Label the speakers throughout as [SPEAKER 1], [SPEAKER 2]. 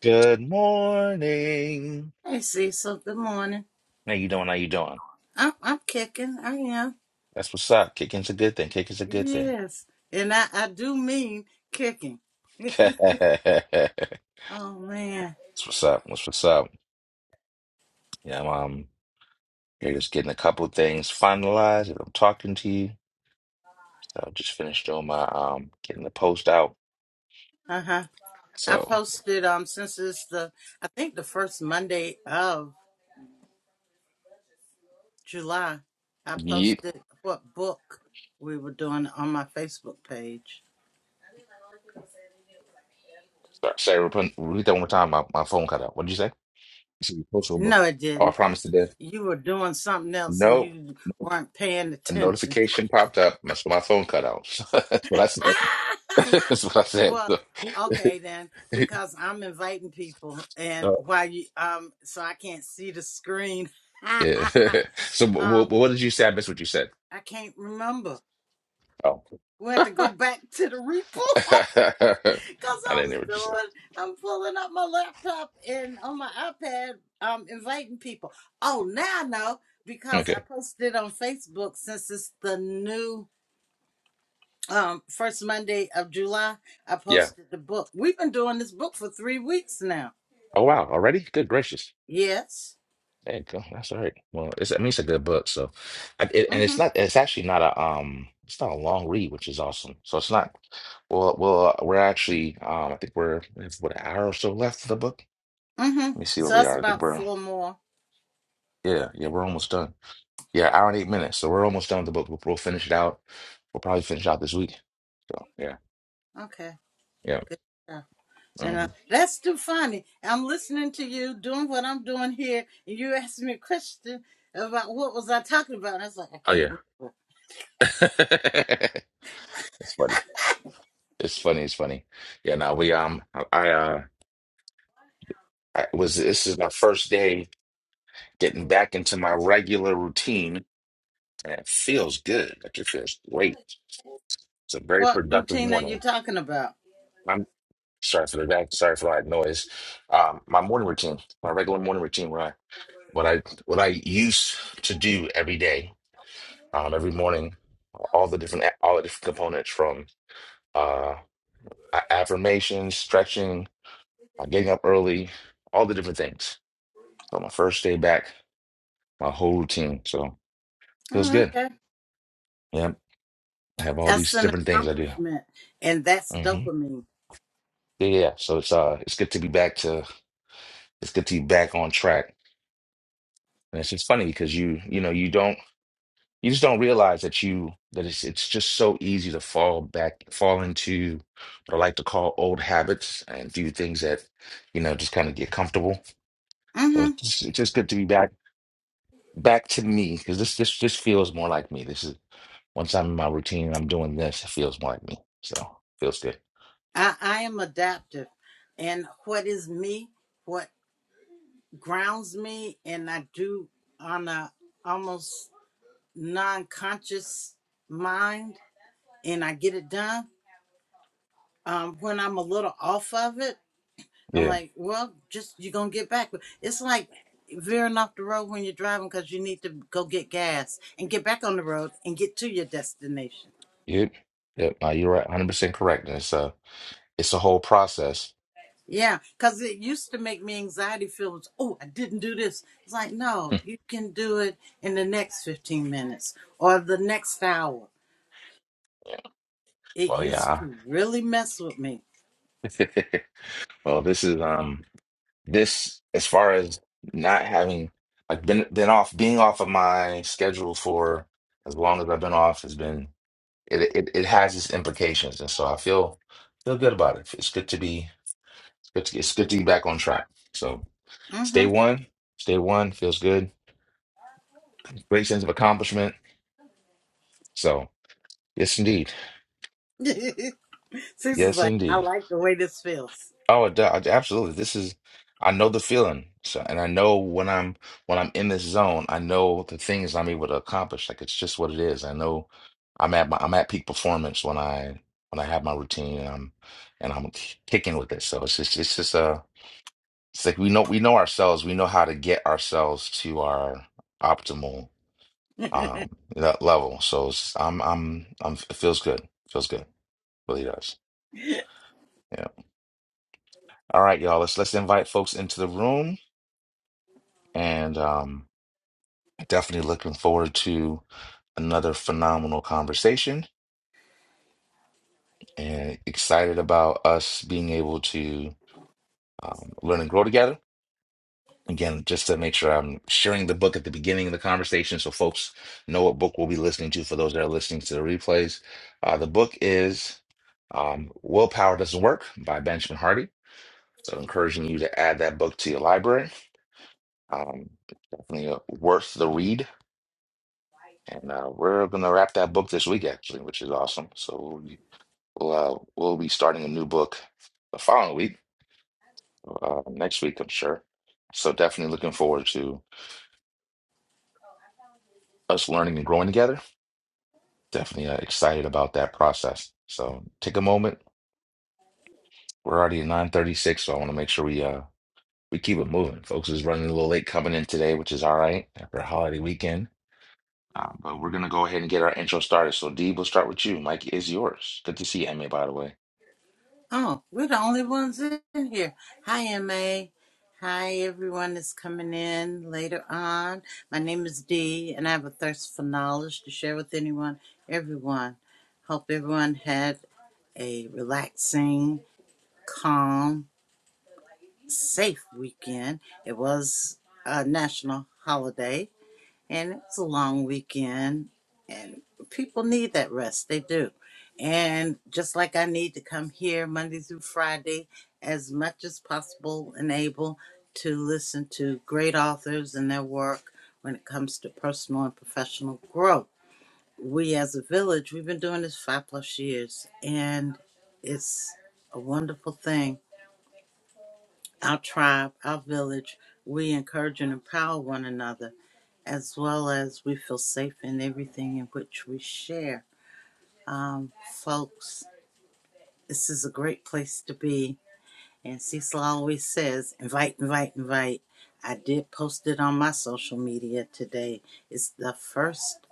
[SPEAKER 1] Good morning.
[SPEAKER 2] Hey Cecil, good morning.
[SPEAKER 1] How you doing? How you doing?
[SPEAKER 2] I'm I'm kicking. I am.
[SPEAKER 1] That's what's up. Kicking's a good thing. Kicking's a good thing.
[SPEAKER 2] Yes. And I, I do mean kicking.
[SPEAKER 1] That's
[SPEAKER 2] oh man.
[SPEAKER 1] what's up. What's what's up. Yeah, I'm um, here just getting a couple of things finalized as I'm talking to you. So I just finished doing my um getting the post out.
[SPEAKER 2] Uh-huh. I
[SPEAKER 1] So
[SPEAKER 2] posted um since it's the I think the first Monday of July, I
[SPEAKER 1] yeet.
[SPEAKER 2] posted what book we were doing on my Facebook page.
[SPEAKER 1] Sorry, sorry, repeat repeat that one more time. My, my phone cut out. What did you say? You said your post over.
[SPEAKER 2] No, it
[SPEAKER 1] Oh, I
[SPEAKER 2] didn't.
[SPEAKER 1] promised to death.
[SPEAKER 2] You were doing something else and
[SPEAKER 1] Nope.
[SPEAKER 2] you
[SPEAKER 1] Nope.
[SPEAKER 2] weren't paying
[SPEAKER 1] A
[SPEAKER 2] attention.
[SPEAKER 1] notification popped up. My, so my phone cut out. That's what I said. That's what I said.
[SPEAKER 2] Well,
[SPEAKER 1] So,
[SPEAKER 2] okay then, because I'm inviting people, and
[SPEAKER 1] Oh,
[SPEAKER 2] while you um, so I can't see the screen.
[SPEAKER 1] yeah. So, wh- wh-
[SPEAKER 2] um,
[SPEAKER 1] what did you say? I missed what you said.
[SPEAKER 2] I can't remember.
[SPEAKER 1] Oh,
[SPEAKER 2] We have
[SPEAKER 1] I
[SPEAKER 2] to go back to the repo because I
[SPEAKER 1] didn't hear
[SPEAKER 2] was
[SPEAKER 1] what you said.
[SPEAKER 2] doing. I'm pulling up my laptop and on my iPad. Um, inviting people. Oh, now I know because I
[SPEAKER 1] Okay.
[SPEAKER 2] posted on Facebook since it's the new um first Monday of July. I
[SPEAKER 1] Yeah.
[SPEAKER 2] posted the book. We've been doing this book for three weeks now.
[SPEAKER 1] Oh, wow. Already? Good gracious.
[SPEAKER 2] Yes.
[SPEAKER 1] There you go. That's all right. Well, it's, I mean, it's a good book. So, I, it, and it's
[SPEAKER 2] Mm-hmm.
[SPEAKER 1] not, it's actually not a, um, it's not a long read, which is awesome. So it's not, well, well, uh, we're actually, um, I think we're, we have, what, an hour or so left of the book?
[SPEAKER 2] Mm-hmm.
[SPEAKER 1] Let me see where
[SPEAKER 2] So
[SPEAKER 1] we
[SPEAKER 2] that's
[SPEAKER 1] are. I think
[SPEAKER 2] about
[SPEAKER 1] we're,
[SPEAKER 2] four more.
[SPEAKER 1] yeah, yeah, we're almost done. Yeah, hour and eight minutes. So we're almost done with the book. We'll, we'll finish it out. We'll probably finish out this week. So yeah,
[SPEAKER 2] Okay.
[SPEAKER 1] yeah.
[SPEAKER 2] Good stuff. And
[SPEAKER 1] hmm
[SPEAKER 2] uh, that's too funny. I'm listening to you doing what I'm doing here, and you asked me a question about what was I talking about. I was like, I
[SPEAKER 1] Oh
[SPEAKER 2] can't
[SPEAKER 1] yeah,
[SPEAKER 2] remember.
[SPEAKER 1] it's funny. It's funny. It's funny. Yeah. Now we um, I I, uh, I was this is my first day getting back into my regular routine, and it feels good. Like it feels great. It's a very
[SPEAKER 2] What
[SPEAKER 1] productive
[SPEAKER 2] routine are you
[SPEAKER 1] morning.
[SPEAKER 2] talking about?
[SPEAKER 1] I'm sorry for the back. Sorry for that noise. Um, my morning routine, my regular morning routine, what I what I what I used to do every day. Um, every morning, all the different all the different components from. uh. uh, affirmations, stretching, uh, getting up early, all the different things. So my first day back, my whole routine. So feels
[SPEAKER 2] Oh,
[SPEAKER 1] good.
[SPEAKER 2] okay.
[SPEAKER 1] Yep. I have all
[SPEAKER 2] That's
[SPEAKER 1] these
[SPEAKER 2] an
[SPEAKER 1] different things I do.
[SPEAKER 2] accomplishment, and that's
[SPEAKER 1] hmm
[SPEAKER 2] dopamine.
[SPEAKER 1] Yeah, yeah. So it's uh, it's good to be back to, it's good to be back on track. And it's just funny because you, you know, you don't, you just don't realize that you, that it's, it's just so easy to fall back, fall into what I like to call old habits and do things that, you know, just kind of get comfortable. So
[SPEAKER 2] Mm-hmm.
[SPEAKER 1] It's just, it's just good to be back back to me because this this this feels more like me. This is once I'm in my routine, and I'm doing this. It feels more like me. So feels good.
[SPEAKER 2] I, I am adaptive, and what is me? What grounds me? And I do on a almost. non-conscious mind and I get it done. Um, when I'm a little off of it, I'm
[SPEAKER 1] Yeah.
[SPEAKER 2] like, well, just you're gonna get back. It's like veering off the road when you're driving because you need to go get gas and get back on the road and get to your destination.
[SPEAKER 1] Yep. Yep. Uh, you're right. 100 percent correct. And it's a it's a whole process.
[SPEAKER 2] Yeah, because it used to make me anxiety feel, oh, I didn't do this. It's like,
[SPEAKER 1] Hmm.
[SPEAKER 2] no, you can do it in the next 15 minutes or the next hour. It
[SPEAKER 1] well,
[SPEAKER 2] used
[SPEAKER 1] yeah.
[SPEAKER 2] to really mess with me.
[SPEAKER 1] I- well, this is um this as far as not having like been been off being off of my schedule for as long as I've been off has been it it, it has its implications, and so I feel feel good about it. It's good to be Good to, it's good to be back on track. So it's
[SPEAKER 2] Mm-hmm.
[SPEAKER 1] day one. It's day one. Feels good. Great sense of accomplishment. So yes, indeed.
[SPEAKER 2] Six was
[SPEAKER 1] Yes,
[SPEAKER 2] like, I
[SPEAKER 1] indeed.
[SPEAKER 2] like the way this feels.
[SPEAKER 1] Oh, d- I- absolutely. This is. I know the feeling. So, and I know when I'm when I'm in this zone, I know the things I'm able to accomplish. Like it's just what it is. I know I'm at my I'm at peak performance when I when I have my routine and I'm and I'm kicking with it. So it's just it's just uh it's like we know we know ourselves. We know how to get ourselves to our optimal um that level. So it's, I'm I'm I'm it feels good. feels good. Really does. Yeah. All right, y'all. Let's let's invite folks into the room and um definitely looking forward to another phenomenal conversation and excited about us being able to um, learn and grow together Again, just to make sure I'm sharing the book at the beginning of the conversation so folks know what book we'll be listening to for those that are listening to the replays. Uh, the book is um, Willpower Doesn't Work by Benjamin Hardy. So, encouraging you to add that book to your library. Um, it's definitely uh, worth the read. And uh, we're going to wrap that book this week, actually, which is awesome. So, we'll, be- we'll, uh, we'll be starting a new book the following week, uh, next week, I'm sure. So, definitely looking forward to us learning and growing together. definitely uh, excited about that process. So take a moment. We're already at 936, so I want to make sure we uh we keep it moving. Folks is running a little late coming in today, which is all right after a holiday weekend. Uh, but we're gonna go ahead and get our intro started. So D, we'll start with you. Mike is yours. Good to see you, Emmy, by the way.
[SPEAKER 2] oh, we're the only ones in here. Hi, MA. Hi, everyone that's coming in later on. My name is Dee, and I have a thirst for knowledge to share with anyone, everyone. Hope everyone had a relaxing, calm, safe weekend. It was a national holiday, and it's a long weekend and people need that rest they do and just like i need to come here monday through friday as much as possible and able to listen to great authors and their work when it comes to personal and professional growth we as a village we've been doing this five plus years and it's a wonderful thing our tribe our village we encourage and empower one another as well as we feel safe in everything in which we share. Um, folks, this is a great place to be. And Cecil always says, invite, invite, invite. I did post it on my social media today. It's the first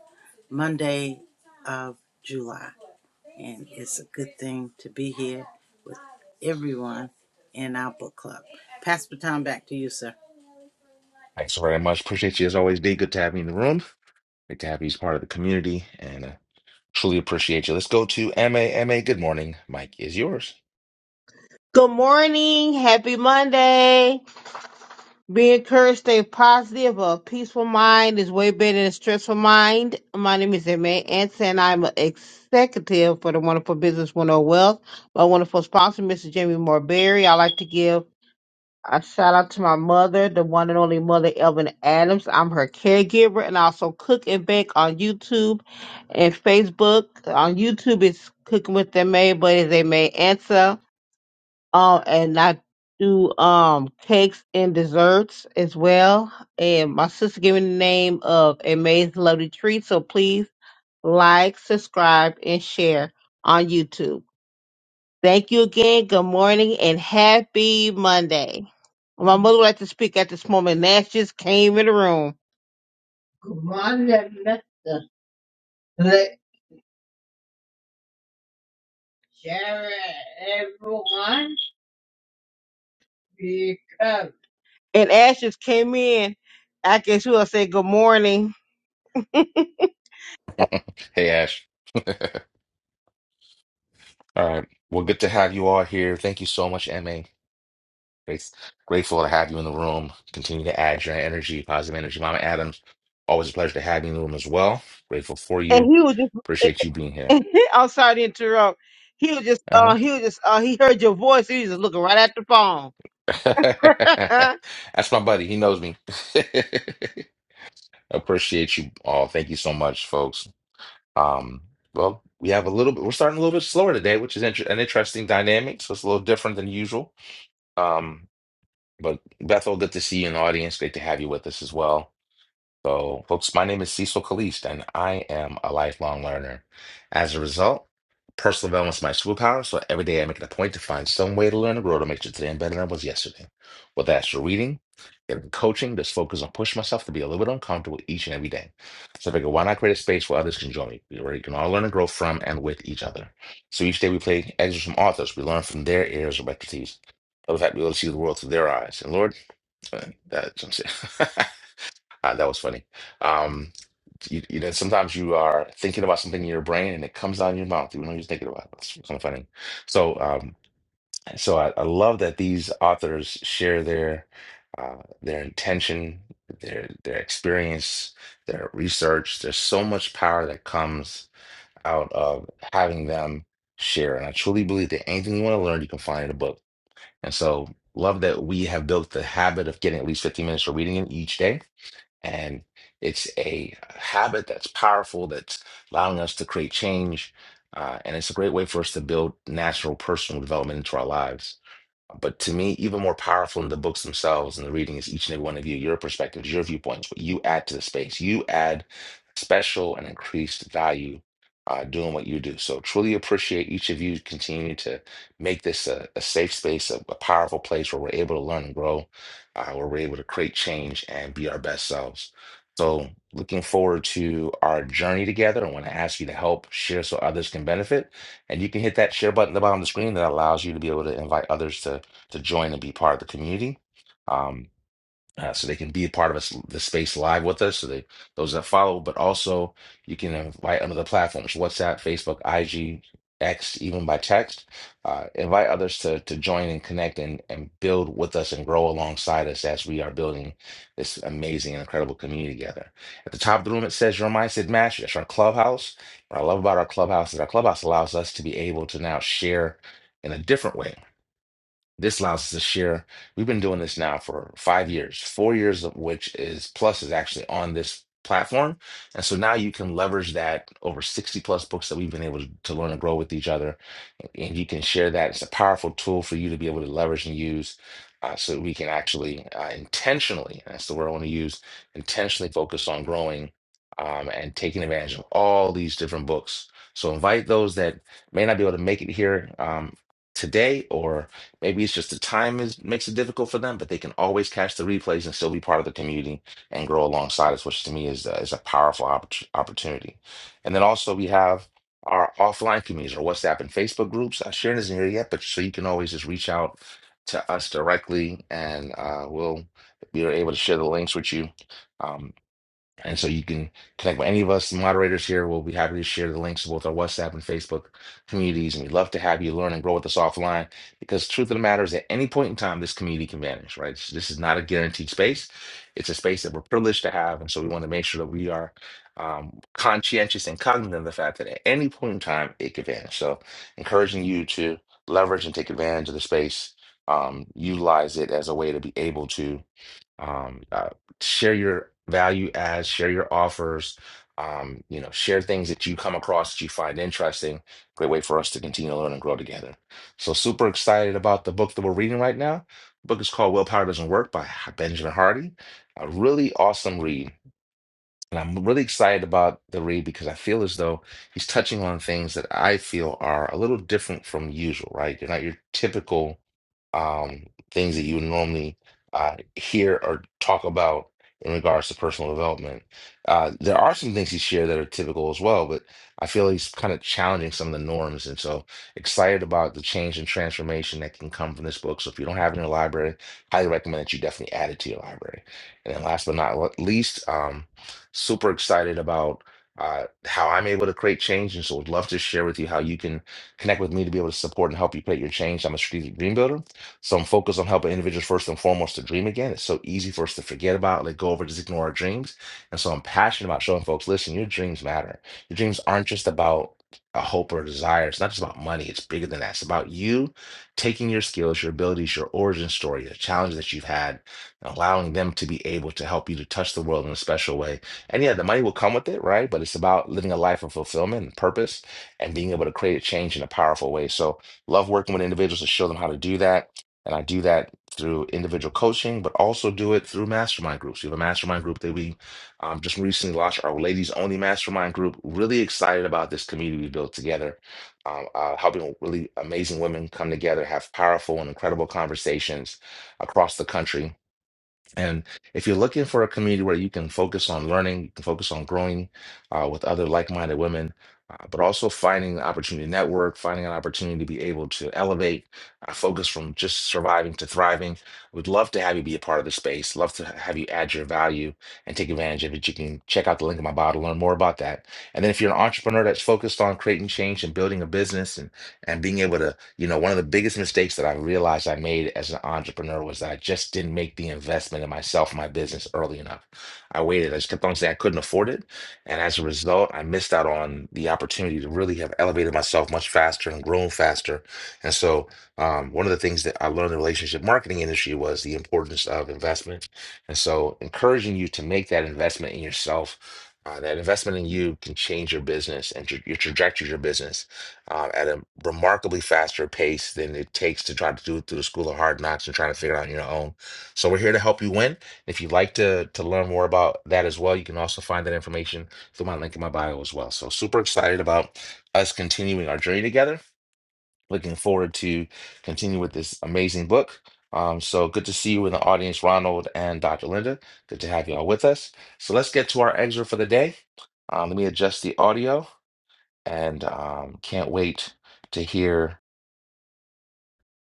[SPEAKER 2] Monday of July. And it's a good thing to be here with everyone in our book club. Pass the time back to you, sir.
[SPEAKER 1] Thanks very much. Appreciate you as always, D. Good to have you in the room. Great to have you as part of the community and uh, truly appreciate you. Let's go to M A M A. good morning. Mike is yours.
[SPEAKER 3] Good morning. Happy Monday. Be encouraged, stay positive. A peaceful mind is way better than a stressful mind. My name is Emma Anson, and I'm an executive for the Wonderful Business 101 Wealth. My wonderful sponsor, Mr. Jamie Morberry. I'd like to give a shout out to my mother, the one and only mother, Elvin Adams. I'm her caregiver and I also cook and bake on YouTube and Facebook. On YouTube, it's Cooking with May, but it's May Ansa. Um, and I do um cakes and desserts as well. And my sister gave me the name of Amazing Lovely Treat. So please like, subscribe, and share on YouTube. Thank you again. Good morning and happy Monday. My mother would like to speak at this moment. Nash just came in the room. Good morning, Mr. Jared, everyone. Here you come. And Ash just came in. I guess we will say good morning. and
[SPEAKER 1] Hey Ash. All right. Well, good to have you all here. Thank you so much, MA Grace, grateful to have you in the room. Continue to add your energy, positive energy. Mama Adams, always a pleasure to have you in the room as well. Grateful for you.
[SPEAKER 3] he was
[SPEAKER 1] Appreciate you being here.
[SPEAKER 3] just I'm sorry to interrupt. He was just
[SPEAKER 1] Uh-huh.
[SPEAKER 3] uh he was just uh he heard your voice, he was just looking right at the phone.
[SPEAKER 1] That's my buddy. He knows me. Appreciate you all. Thank you so much, folks. Um, well, we have a little bit, we're starting a little bit slower today, which is inter- an interesting dynamic. So it's a little different than usual. Um, but Bethel, good to see you in the audience. Great to have you with us as well. So, folks, my name is Cecil Kalist, and I am a lifelong learner. As a result, personal development is my superpower. So every day I make it a point to find some way to learn and grow to make sure today I'm better than I was yesterday. Whether that's through reading, getting coaching, just focus on pushing myself to be a little bit uncomfortable each and every day. So I figure, why not create a space where others can join me, where you can all learn and grow from and with each other. So each day we play excerpts from authors. We learn from their areas of expertise. Other fact, we able to see the world through their eyes. And Lord, uh, that's what I'm saying. Uh, that was funny. Um, you, you know, sometimes you are thinking about something in your brain and it comes out of your mouth. You know, you're thinking about it. It's kind of funny. So, um, so I, I love that these authors share their uh, their intention, their their experience, their research. There's so much power that comes out of having them share, and I truly believe that anything you want to learn, you can find in a book. And so, love that we have built the habit of getting at least 15 minutes of reading it each day and it's a habit that's powerful, that's allowing us to create change. Uh, and it's a great way for us to build natural personal development into our lives. But to me, even more powerful than the books themselves and the reading is each and every one of you, your perspectives, your viewpoints, what you add to the space. You add special and increased value uh, doing what you do. So truly appreciate each of you Continue to make this a, a safe space, a, a powerful place where we're able to learn and grow, uh, where we're able to create change and be our best selves. So looking forward to our journey together. I want to ask you to help share so others can benefit. And you can hit that share button at the bottom of the screen that allows you to be able to invite others to to join and be part of the community. Um, uh, so they can be a part of us, the space live with us. So they, those that follow, but also you can invite on other platforms, WhatsApp, Facebook, IG, X, even by text. Uh, invite others to to join and connect and and build with us and grow alongside us as we are building this amazing and incredible community together. At the top of the room, it says your mindset match. That's our clubhouse. What I love about our clubhouse is our clubhouse allows us to be able to now share in a different way this allows us to share. We've been doing this now for five years, four years of which is Plus is actually on this platform. And so now you can leverage that over 60 plus books that we've been able to learn and grow with each other and you can share that. It's a powerful tool for you to be able to leverage and use uh, so that we can actually uh, intentionally, that's the word I want to use, intentionally focus on growing um, and taking advantage of all these different books. So invite those that may not be able to make it here um, today, or maybe it's just the time is makes it difficult for them, but they can always catch the replays and still be part of the community and grow alongside us, which to me is, uh, is a powerful oppor- opportunity. And then also we have our offline communities, our WhatsApp and Facebook groups. Uh, Sharon isn't here yet, but so you can always just reach out to us directly, and uh, we'll we are able to share the links with you. Um, and so you can connect with any of us moderators here. We'll be happy to share the links to both our WhatsApp and Facebook communities. And we'd love to have you learn and grow with us offline because truth of the matter is at any point in time, this community can vanish, right? So This is not a guaranteed space. It's a space that we're privileged to have. And so we want to make sure that we are um, conscientious and cognizant of the fact that at any point in time, it could vanish. So encouraging you to leverage and take advantage of the space, um, utilize it as a way to be able to um, uh, share your value adds, share your offers, um, you know, share things that you come across that you find interesting. Great way for us to continue to learn and grow together. So super excited about the book that we're reading right now. The book is called Willpower Doesn't Work by H- Benjamin Hardy. A really awesome read. And I'm really excited about the read because I feel as though he's touching on things that I feel are a little different from usual, right? They're not your typical um, things that you would normally uh, hear or talk about in regards to personal development. Uh, there are some things he shared that are typical as well, but I feel he's kind of challenging some of the norms. And so excited about the change and transformation that can come from this book. So if you don't have it in your library, highly recommend that you definitely add it to your library. And then last but not least, um, super excited about uh, how I'm able to create change. And so would love to share with you how you can connect with me to be able to support and help you create your change. I'm a strategic dream builder. So I'm focused on helping individuals first and foremost to dream again. It's so easy for us to forget about, let go over, just ignore our dreams. And so I'm passionate about showing folks, listen, your dreams matter. Your dreams aren't just about a hope or a desire. It's not just about money. It's bigger than that. It's about you taking your skills, your abilities, your origin story, the challenges that you've had, and allowing them to be able to help you to touch the world in a special way and yeah, the money will come with it, right? But it's about living a life of fulfillment and purpose and being able to create change in a powerful way. So, love working with individuals to show them how to do that. And I do that through individual coaching, but also do it through mastermind groups. We have a mastermind group that we um, just recently launched, our ladies only mastermind group. Really excited about this community we built together, um, uh, helping really amazing women come together, have powerful and incredible conversations across the country and if you're looking for a community where you can focus on learning, you can focus on growing uh, with other like minded women, uh, but also finding the opportunity to network, finding an opportunity to be able to elevate, uh, focus from just surviving to thriving, would love to have you be a part of the space. Love to have you add your value and take advantage of it. You can check out the link in my bio to learn more about that. And then if you're an entrepreneur that's focused on creating change and building a business, and being able to, you know, one of the biggest mistakes that I realized I made as an entrepreneur was that I just didn't make the investment in myself and my business early enough. I waited. I just kept on saying I couldn't afford it. And as a result, I missed out on the opportunity to really have elevated myself much faster and grown faster. And so um, one of the things that I learned in the relationship marketing industry was the importance of investment. And so encouraging you to make that investment in yourself. Uh, that investment in you can change your business and tra- your trajectory of your business uh, at a remarkably faster pace than it takes to try to do it through the school of hard knocks and trying to figure it out on your own. So we're here to help you win. If you'd like to to learn more about that as well, you can also find that information through my link in my bio as well. So super excited about us continuing our journey together. Looking forward to continue with this amazing book. Um, so good to see you in the audience, Ronald and Dr. Linda. Good to have you all with us. So let's get to our excerpt for the day. Um, let me adjust the audio and um, can't wait to hear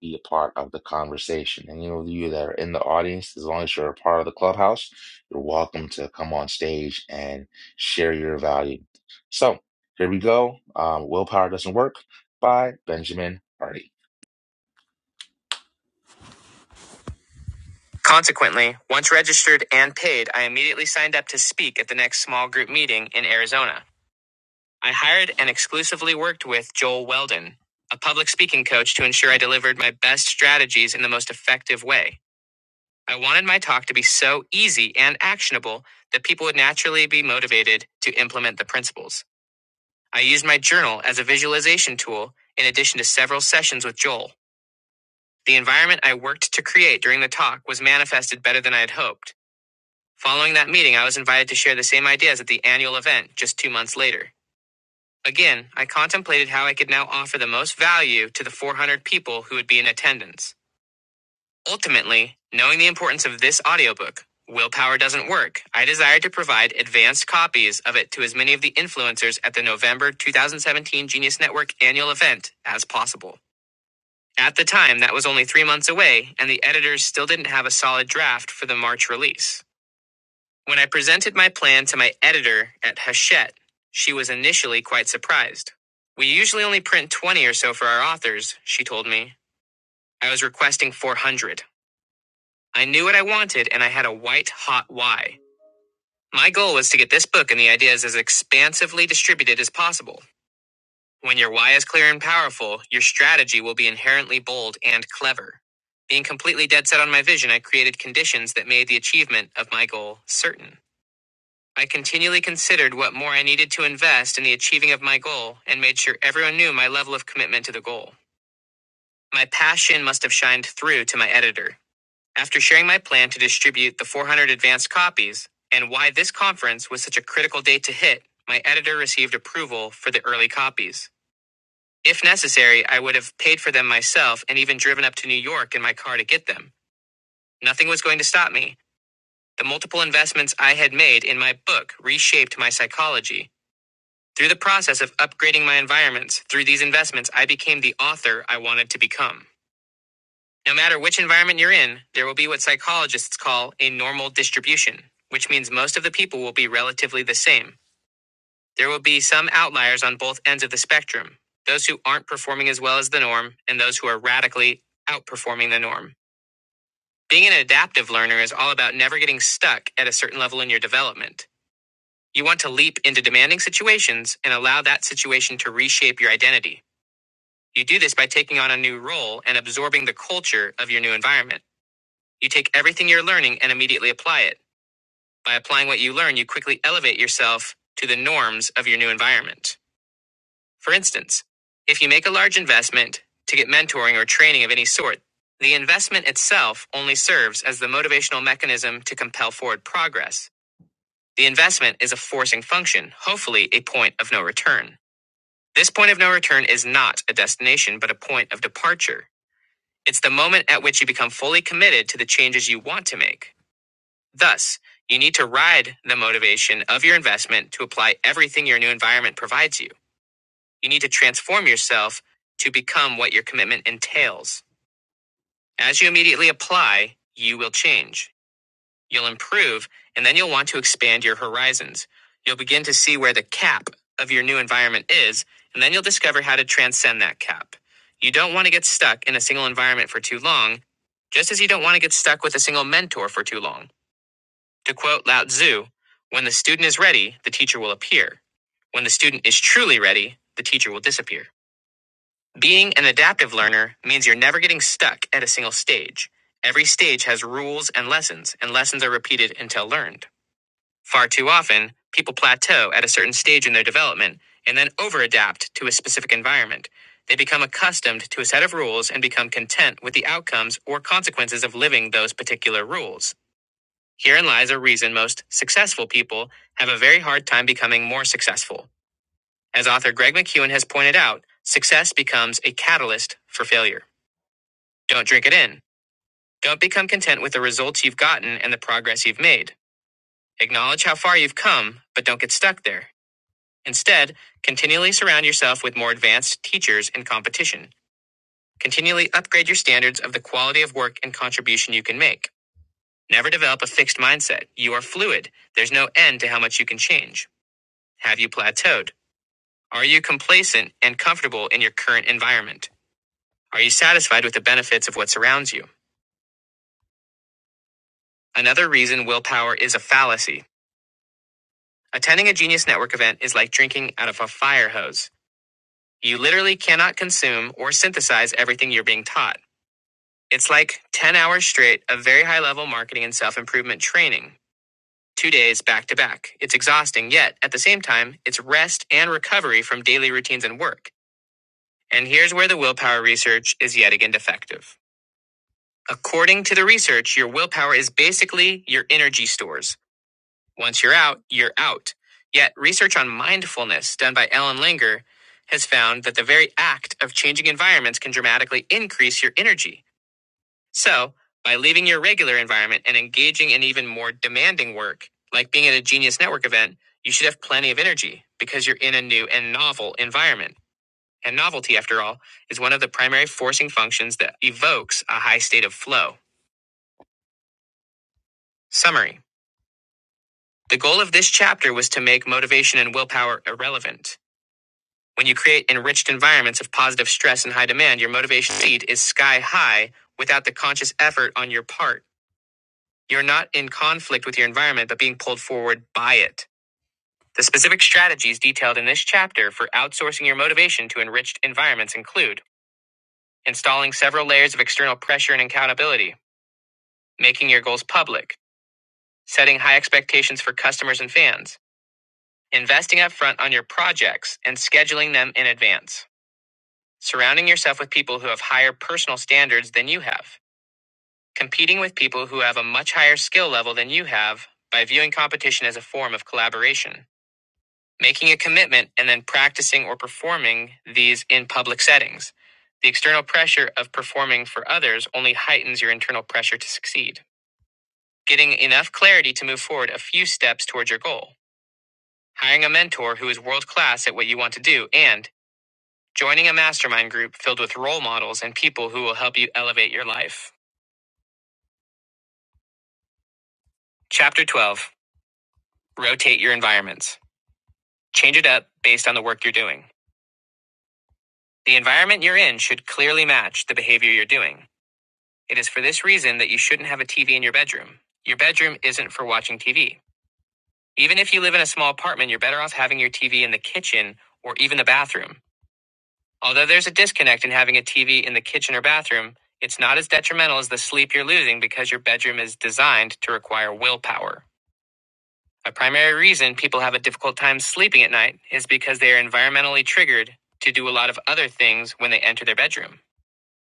[SPEAKER 1] be a part of the conversation. And you know, you that are in the audience, as long as you're a part of the clubhouse, you're welcome to come on stage and share your value. So here we go. Um, Willpower doesn't work by Benjamin Hardy. Consequently, once registered and paid, I immediately signed up to speak at the next small group meeting in Arizona. I hired and exclusively worked with Joel Weldon, a public speaking coach, to ensure I delivered my best strategies in the most effective way. I wanted my talk to be so easy and actionable that people would naturally be motivated to implement the principles. I used my journal as a visualization tool in addition to several sessions with Joel. The environment I worked to create during the talk was manifested better than I had hoped. Following that meeting, I was invited to share the same ideas at the annual event just two months later. Again, I contemplated how I could now offer the most value to the 400 people who would be in attendance. Ultimately, knowing the importance of this audiobook, Willpower Doesn't Work, I desired to provide advanced copies of it to as many of the influencers at the November 2017 Genius Network annual event as possible. At the time, that was only three months away, and the editors still didn't have a solid draft for the March release. When I presented my plan to my editor at Hachette, she was initially quite surprised. We usually only print 20 or so for our authors, she told me. I was requesting 400. I knew what I wanted and I had a white hot why. My goal was to get this book and the ideas as expansively distributed as possible. When your why is clear and powerful, your strategy will be inherently bold and clever. Being completely dead set on my vision, I created conditions that made the achievement of my goal certain. I continually considered what more I needed to invest in the achieving of my goal and made sure everyone knew my level of commitment to the goal. My passion must have shined through to my editor. After sharing my plan to distribute the 400 advanced copies and why this conference was such a critical date to hit, my editor received approval for the early copies. If necessary, I would have paid for them myself and even driven up to New York in my car to get them. Nothing was going to stop me. The multiple investments I had made in my book reshaped my psychology Through the process of upgrading my environments through these investments, I became the author I wanted to become. No matter which environment you're in, there will be what psychologists call a normal distribution, which means most of the people will be relatively the same. There will be some outliers on both ends of the spectrum those who aren't performing as well as the norm, and those who are radically outperforming the norm. Being an adaptive learner is all about never getting stuck at a certain level in your development. You want to leap into demanding situations and allow that situation to reshape your identity. You do this by taking on a new role and absorbing the culture of your new environment. You take everything you're learning and immediately apply it. By applying what you learn, you quickly elevate yourself to the norms of your new environment. For instance, if you make a large investment to get mentoring or training of any sort, the investment itself only serves as the motivational mechanism to compel forward progress. The investment is a forcing function, hopefully, a point of no return. This point of no return is not a destination, but a point of departure. It's the moment at which you become fully committed to the changes you want to make. Thus, you need to ride the motivation of your investment to apply everything your new environment provides you. You need to transform yourself to become what your commitment entails. As you immediately apply, you will change. You'll improve, and then you'll want to expand your horizons. You'll begin to see where the cap of your new environment is, and then you'll discover how to transcend that cap. You don't want to get stuck in a single environment for too long, just as you don't want to get stuck with a single mentor for too long. To quote Lao Tzu, when the student is ready, the teacher will appear. When the student is truly ready, the teacher will disappear. Being an adaptive learner means you're never getting stuck at a single stage. Every stage has rules and lessons, and lessons are repeated until learned. Far too often, people plateau at a certain stage in their development and then overadapt to a specific environment. They become accustomed to a set of rules and become content with the outcomes or consequences of living those particular rules. Herein lies a reason most successful people have a very hard time becoming more successful. As author Greg McEwen has pointed out, success becomes a catalyst for failure. Don't drink it in. Don't become content with the results you've gotten and the progress you've made. Acknowledge how far you've come, but don't get stuck there. Instead, continually surround yourself with more advanced teachers and competition. Continually upgrade your standards of the quality of work and contribution you can make. Never develop a fixed mindset. You are fluid. There's no end to how much you can change. Have you plateaued? Are you complacent and comfortable in your current environment? Are you satisfied with the benefits of what surrounds you? Another reason willpower is a fallacy. Attending a Genius Network event is like drinking out of a fire hose. You literally cannot consume or synthesize everything you're being taught. It's like 10 hours straight of very high level marketing and self improvement training, two days back to back. It's exhausting, yet at the same time, it's rest and recovery from daily routines and work. And here's where the willpower research is yet again defective. According to the research, your willpower is basically your energy stores. Once you're out, you're out. Yet, research on mindfulness done by Ellen Langer has found that the very act of changing environments can dramatically increase your energy. So, by leaving your regular environment and engaging in even more demanding work, like being at a Genius Network event, you should have plenty of energy because you're in a new and novel environment. And novelty, after all, is one of the primary forcing functions that evokes a high state of flow. Summary The goal of this chapter was to make motivation and willpower irrelevant. When you create enriched environments of positive stress and high demand, your motivation seed is sky high without the conscious effort on your part. You're not in conflict with your environment, but being pulled forward by it. The specific strategies detailed in this chapter for outsourcing your motivation to enriched environments include installing several layers of external pressure and accountability, making your goals public, setting high expectations for customers and fans, investing upfront on your projects and scheduling them in advance, surrounding yourself with people who have higher personal standards than you have, competing with people who have a much higher skill level than you have by viewing competition as a form of collaboration making a commitment and then practicing or performing these in public settings. The external pressure of performing for others only heightens your internal pressure to succeed. Getting enough clarity to move forward a few steps towards your goal. Hiring a mentor who is world class at what you want to do and joining a mastermind group filled with role models and people who will help you elevate your life. Chapter 12 Rotate your environments. Change it up based on the work you're doing. The environment you're in should clearly match the behavior you're doing. It is for this reason that you shouldn't have a TV in your bedroom. Your bedroom isn't for watching TV. Even if you live in a small apartment, you're better off having your TV in the kitchen or even the bathroom. Although there's a disconnect in having a TV in the kitchen or bathroom, it's not as detrimental as the sleep you're losing because your bedroom is designed to require willpower. A primary reason people have a difficult time sleeping at night is because they are environmentally triggered to do a lot of other things when they enter their bedroom.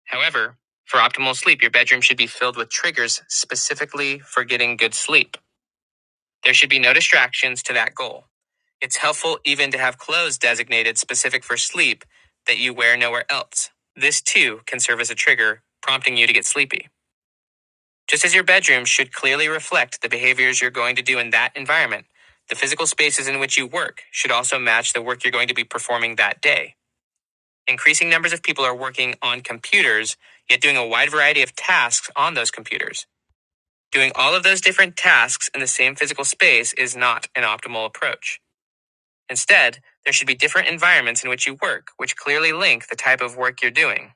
[SPEAKER 1] However, for optimal sleep, your bedroom should be filled with triggers specifically for getting good sleep. There should be no distractions to that goal. It's helpful even to have clothes designated specific for sleep that you wear nowhere else. This too can serve as a trigger, prompting you to get sleepy. Just as your bedroom should clearly reflect the behaviors you're going to do in that environment, the physical spaces in which you work should also match the work you're going to be performing that day. Increasing numbers of people are working on computers, yet doing a wide variety of tasks on those computers. Doing all of those different tasks in the same physical space is not an optimal approach. Instead, there should be different environments in which you work, which clearly link the type of work you're doing.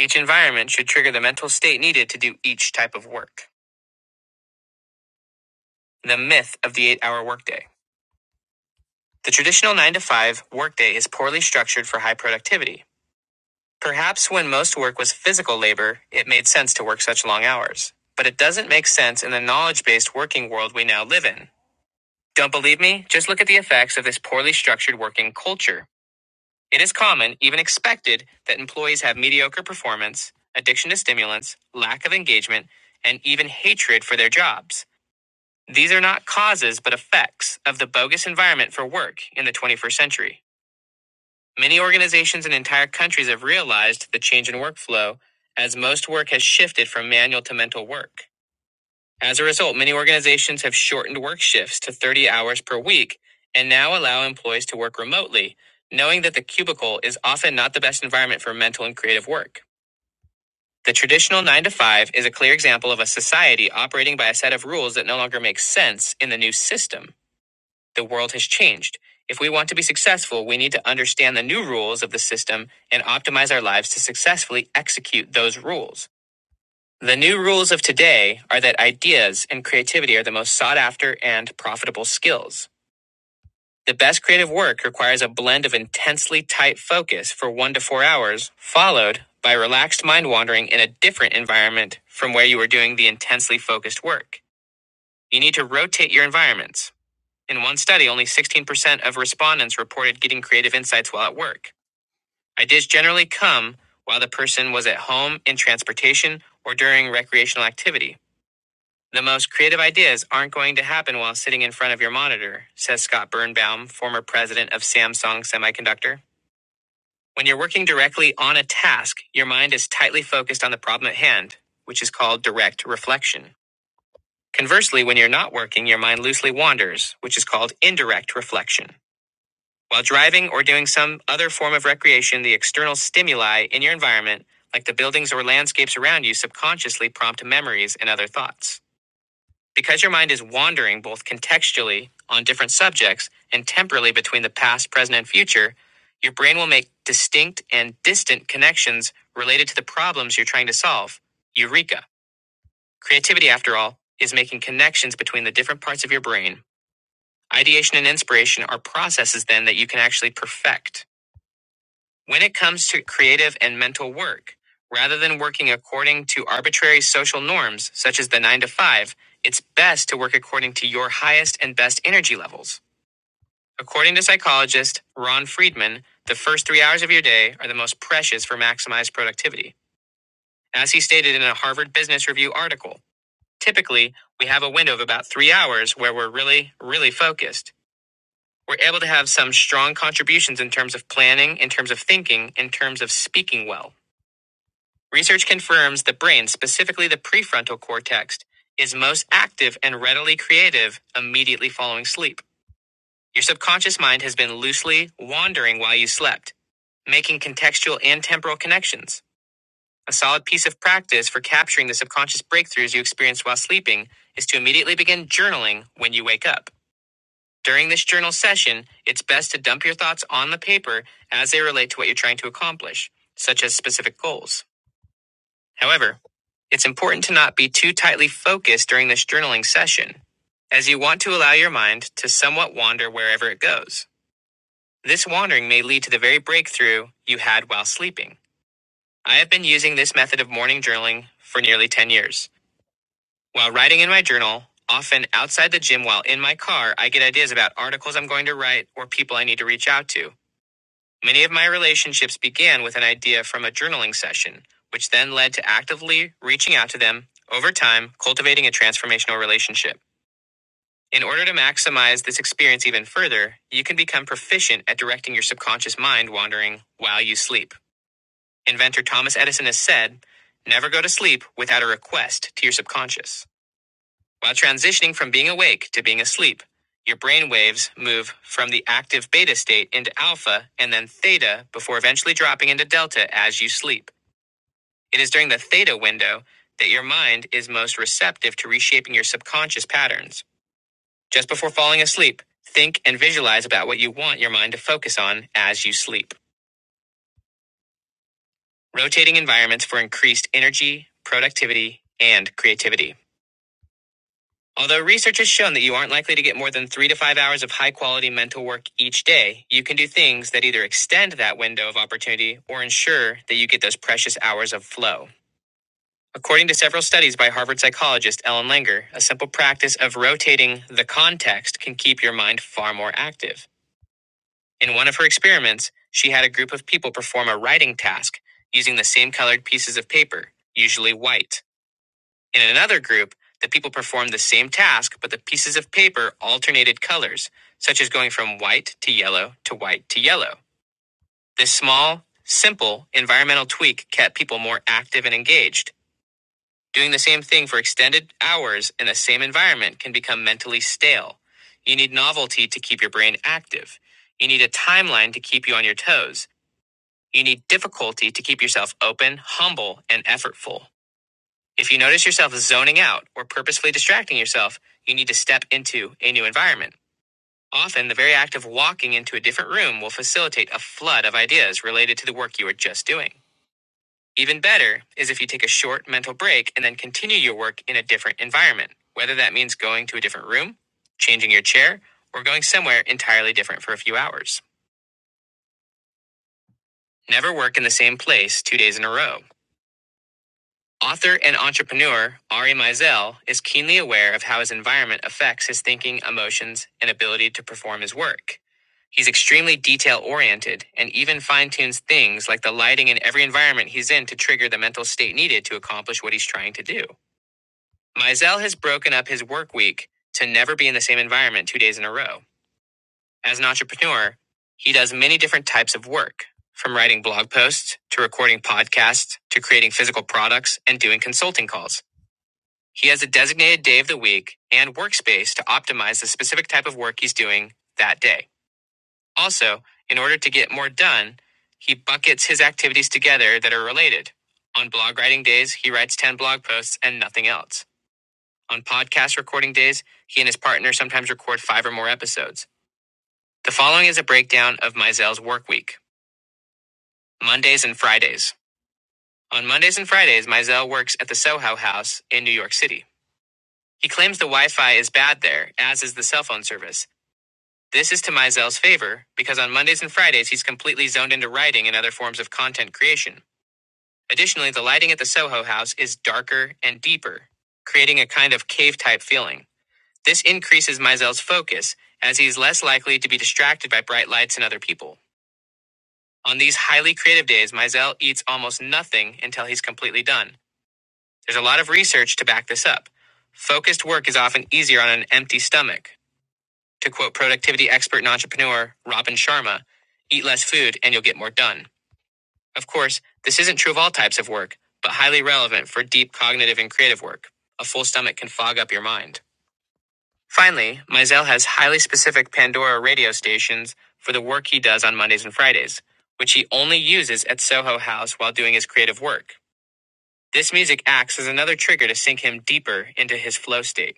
[SPEAKER 1] Each environment should trigger the mental state needed to do each type of work. The myth of the eight hour workday. The traditional 9 to 5 workday is poorly structured for high productivity. Perhaps when most work was physical labor, it made sense to work such long hours. But it doesn't make sense in the knowledge based working world we now live in. Don't believe me? Just look at the effects of this poorly structured working culture. It is common, even expected, that employees have mediocre performance, addiction to stimulants, lack of engagement, and even hatred for their jobs. These are not causes, but effects of the bogus environment for work in the 21st century. Many organizations and entire countries have realized the change in workflow as most work has shifted from manual to mental work. As a result, many organizations have shortened work shifts to 30 hours per week and now allow employees to work remotely, knowing that the cubicle is often not the best environment for mental and creative work. The traditional 9 to 5 is a clear example of a society operating by a set of rules that no longer makes sense in the new system. The world has changed. If we want to be successful, we need to understand the new rules of the system and optimize our lives to successfully execute those rules. The new rules of today are that ideas and creativity are the most sought after and profitable skills. The best creative work requires a blend of intensely tight focus for one to four hours, followed by relaxed mind wandering in a different environment from where you were doing the intensely focused work. You need to rotate your environments. In one study, only 16% of respondents reported getting creative insights while at work. Ideas generally come while the person was at home, in transportation, or during recreational activity. The most creative ideas aren't going to happen while sitting in front of your monitor, says Scott Birnbaum, former president of Samsung Semiconductor. When you're working directly on a task, your mind is tightly focused on the problem at hand, which is called direct reflection. Conversely, when you're not working, your mind loosely wanders, which is called indirect reflection. While driving or doing some other form of recreation, the external stimuli in your environment, like the buildings or landscapes around you, subconsciously prompt memories and other thoughts. Because your mind is wandering both contextually on different subjects and temporally between the past, present, and future, your brain will make distinct and distant connections related to the problems you're trying to solve. Eureka! Creativity, after all, is making connections between the different parts of your brain. Ideation and inspiration are processes, then, that you can actually perfect. When it comes to creative and mental work, rather than working according to arbitrary social norms, such as the 9 to 5, it's best to work according to your highest and best energy levels. According to psychologist Ron Friedman, the first three hours of your day are the most precious for maximized productivity. As he stated in a Harvard Business Review article, typically we have a window of about three hours where we're really, really focused. We're able to have some strong contributions in terms of planning, in terms of thinking, in terms of speaking well. Research confirms the brain, specifically the prefrontal cortex, is most active and readily creative immediately following sleep. Your subconscious mind has been loosely wandering while you slept, making contextual and temporal connections. A solid piece of practice for capturing the subconscious breakthroughs you experience while sleeping is to immediately begin journaling when you wake up. During this journal session, it's best to dump your thoughts on the paper as they relate to what you're trying to accomplish, such as specific goals. However, It's important to not be too tightly focused during this journaling session, as you want to allow your mind to somewhat wander wherever it goes. This wandering may lead to the very breakthrough you had while sleeping. I have been using this method of morning journaling for nearly 10 years. While writing in my journal, often outside the gym while in my car, I get ideas about articles I'm going to write or people I need to reach out to. Many of my relationships began with an idea from a journaling session, which then led to actively reaching out to them, over time, cultivating a transformational relationship. In order to maximize this experience even further, you can become proficient at directing your subconscious mind wandering while you sleep. Inventor Thomas Edison has said, Never go to sleep without a request to your subconscious. While transitioning from being awake to being asleep, your brain waves move from the active beta state into alpha and then theta before eventually dropping into delta as you sleep. It is during the theta window that your mind is most receptive to reshaping your subconscious patterns. Just before falling asleep, think and visualize about what you want your mind to focus on as you sleep. Rotating environments for increased energy, productivity, and creativity. Although research has shown that you aren't likely to get more than three to five hours of high quality mental work each day, you can do things that either extend that window of opportunity or ensure that you get those precious hours of flow. According to several studies by Harvard psychologist Ellen Langer, a simple practice of rotating the context can keep your mind far more active. In one of her experiments, she had a group of people perform a writing task using the same colored pieces of paper, usually white. In another group, the people performed the same task, but the pieces of paper alternated colors, such as going from white to yellow to white to yellow. This small, simple environmental tweak kept people more active and engaged. Doing the same thing for extended hours in the same environment can become mentally stale. You need novelty to keep your brain active. You need a timeline to keep you on your toes. You need difficulty to keep yourself open, humble, and effortful. If you notice yourself zoning out or purposefully distracting yourself, you need to step into a new environment. Often, the very act of walking into a different room will facilitate a flood of ideas related to the work you were just doing. Even better is if you take a short mental break and then continue your work in a different environment, whether that means going to a different room, changing your chair, or going somewhere entirely different for a few hours. Never work in the same place two days in a row. Author and entrepreneur Ari Mizell is keenly aware of how his environment affects his thinking, emotions, and ability to perform his work. He's extremely detail oriented and even fine tunes things like the lighting in every environment he's in to trigger the mental state needed to accomplish what he's trying to do. Mizell has broken up his work week to never be in the same environment two days in a row. As an entrepreneur, he does many different types of work, from writing blog posts to recording podcasts to creating physical products and doing consulting calls. He has a designated day of the week and workspace to optimize the specific type of work he's doing that day. Also, in order to get more done, he buckets his activities together that are related. On blog writing days, he writes 10 blog posts and nothing else. On podcast recording days, he and his partner sometimes record five or more episodes. The following is a breakdown of Mizell's work week Mondays and Fridays. On Mondays and Fridays, Mizell works at the Soho House in New York City. He claims the Wi Fi is bad there, as is the cell phone service This is to Mizell's favor, because on Mondays and Fridays he's completely zoned into writing and other forms of content creation. Additionally, the lighting at the Soho house is darker and deeper, creating a kind of cave type feeling. This increases Mizell's focus, as he's less likely to be distracted by bright lights and other people. On these highly creative days, Mizell eats almost nothing until he's completely done. There's a lot of research to back this up. Focused work is often easier on an empty stomach. To quote productivity expert and entrepreneur Robin Sharma, eat less food and you'll get more done. Of course, this isn't true of all types of work, but highly relevant for deep cognitive and creative work. A full stomach can fog up your mind. Finally, Mizell has highly specific Pandora radio stations for the work he does on Mondays and Fridays, which he only uses at Soho House while doing his creative work. This music acts as another trigger to sink him deeper into his flow state.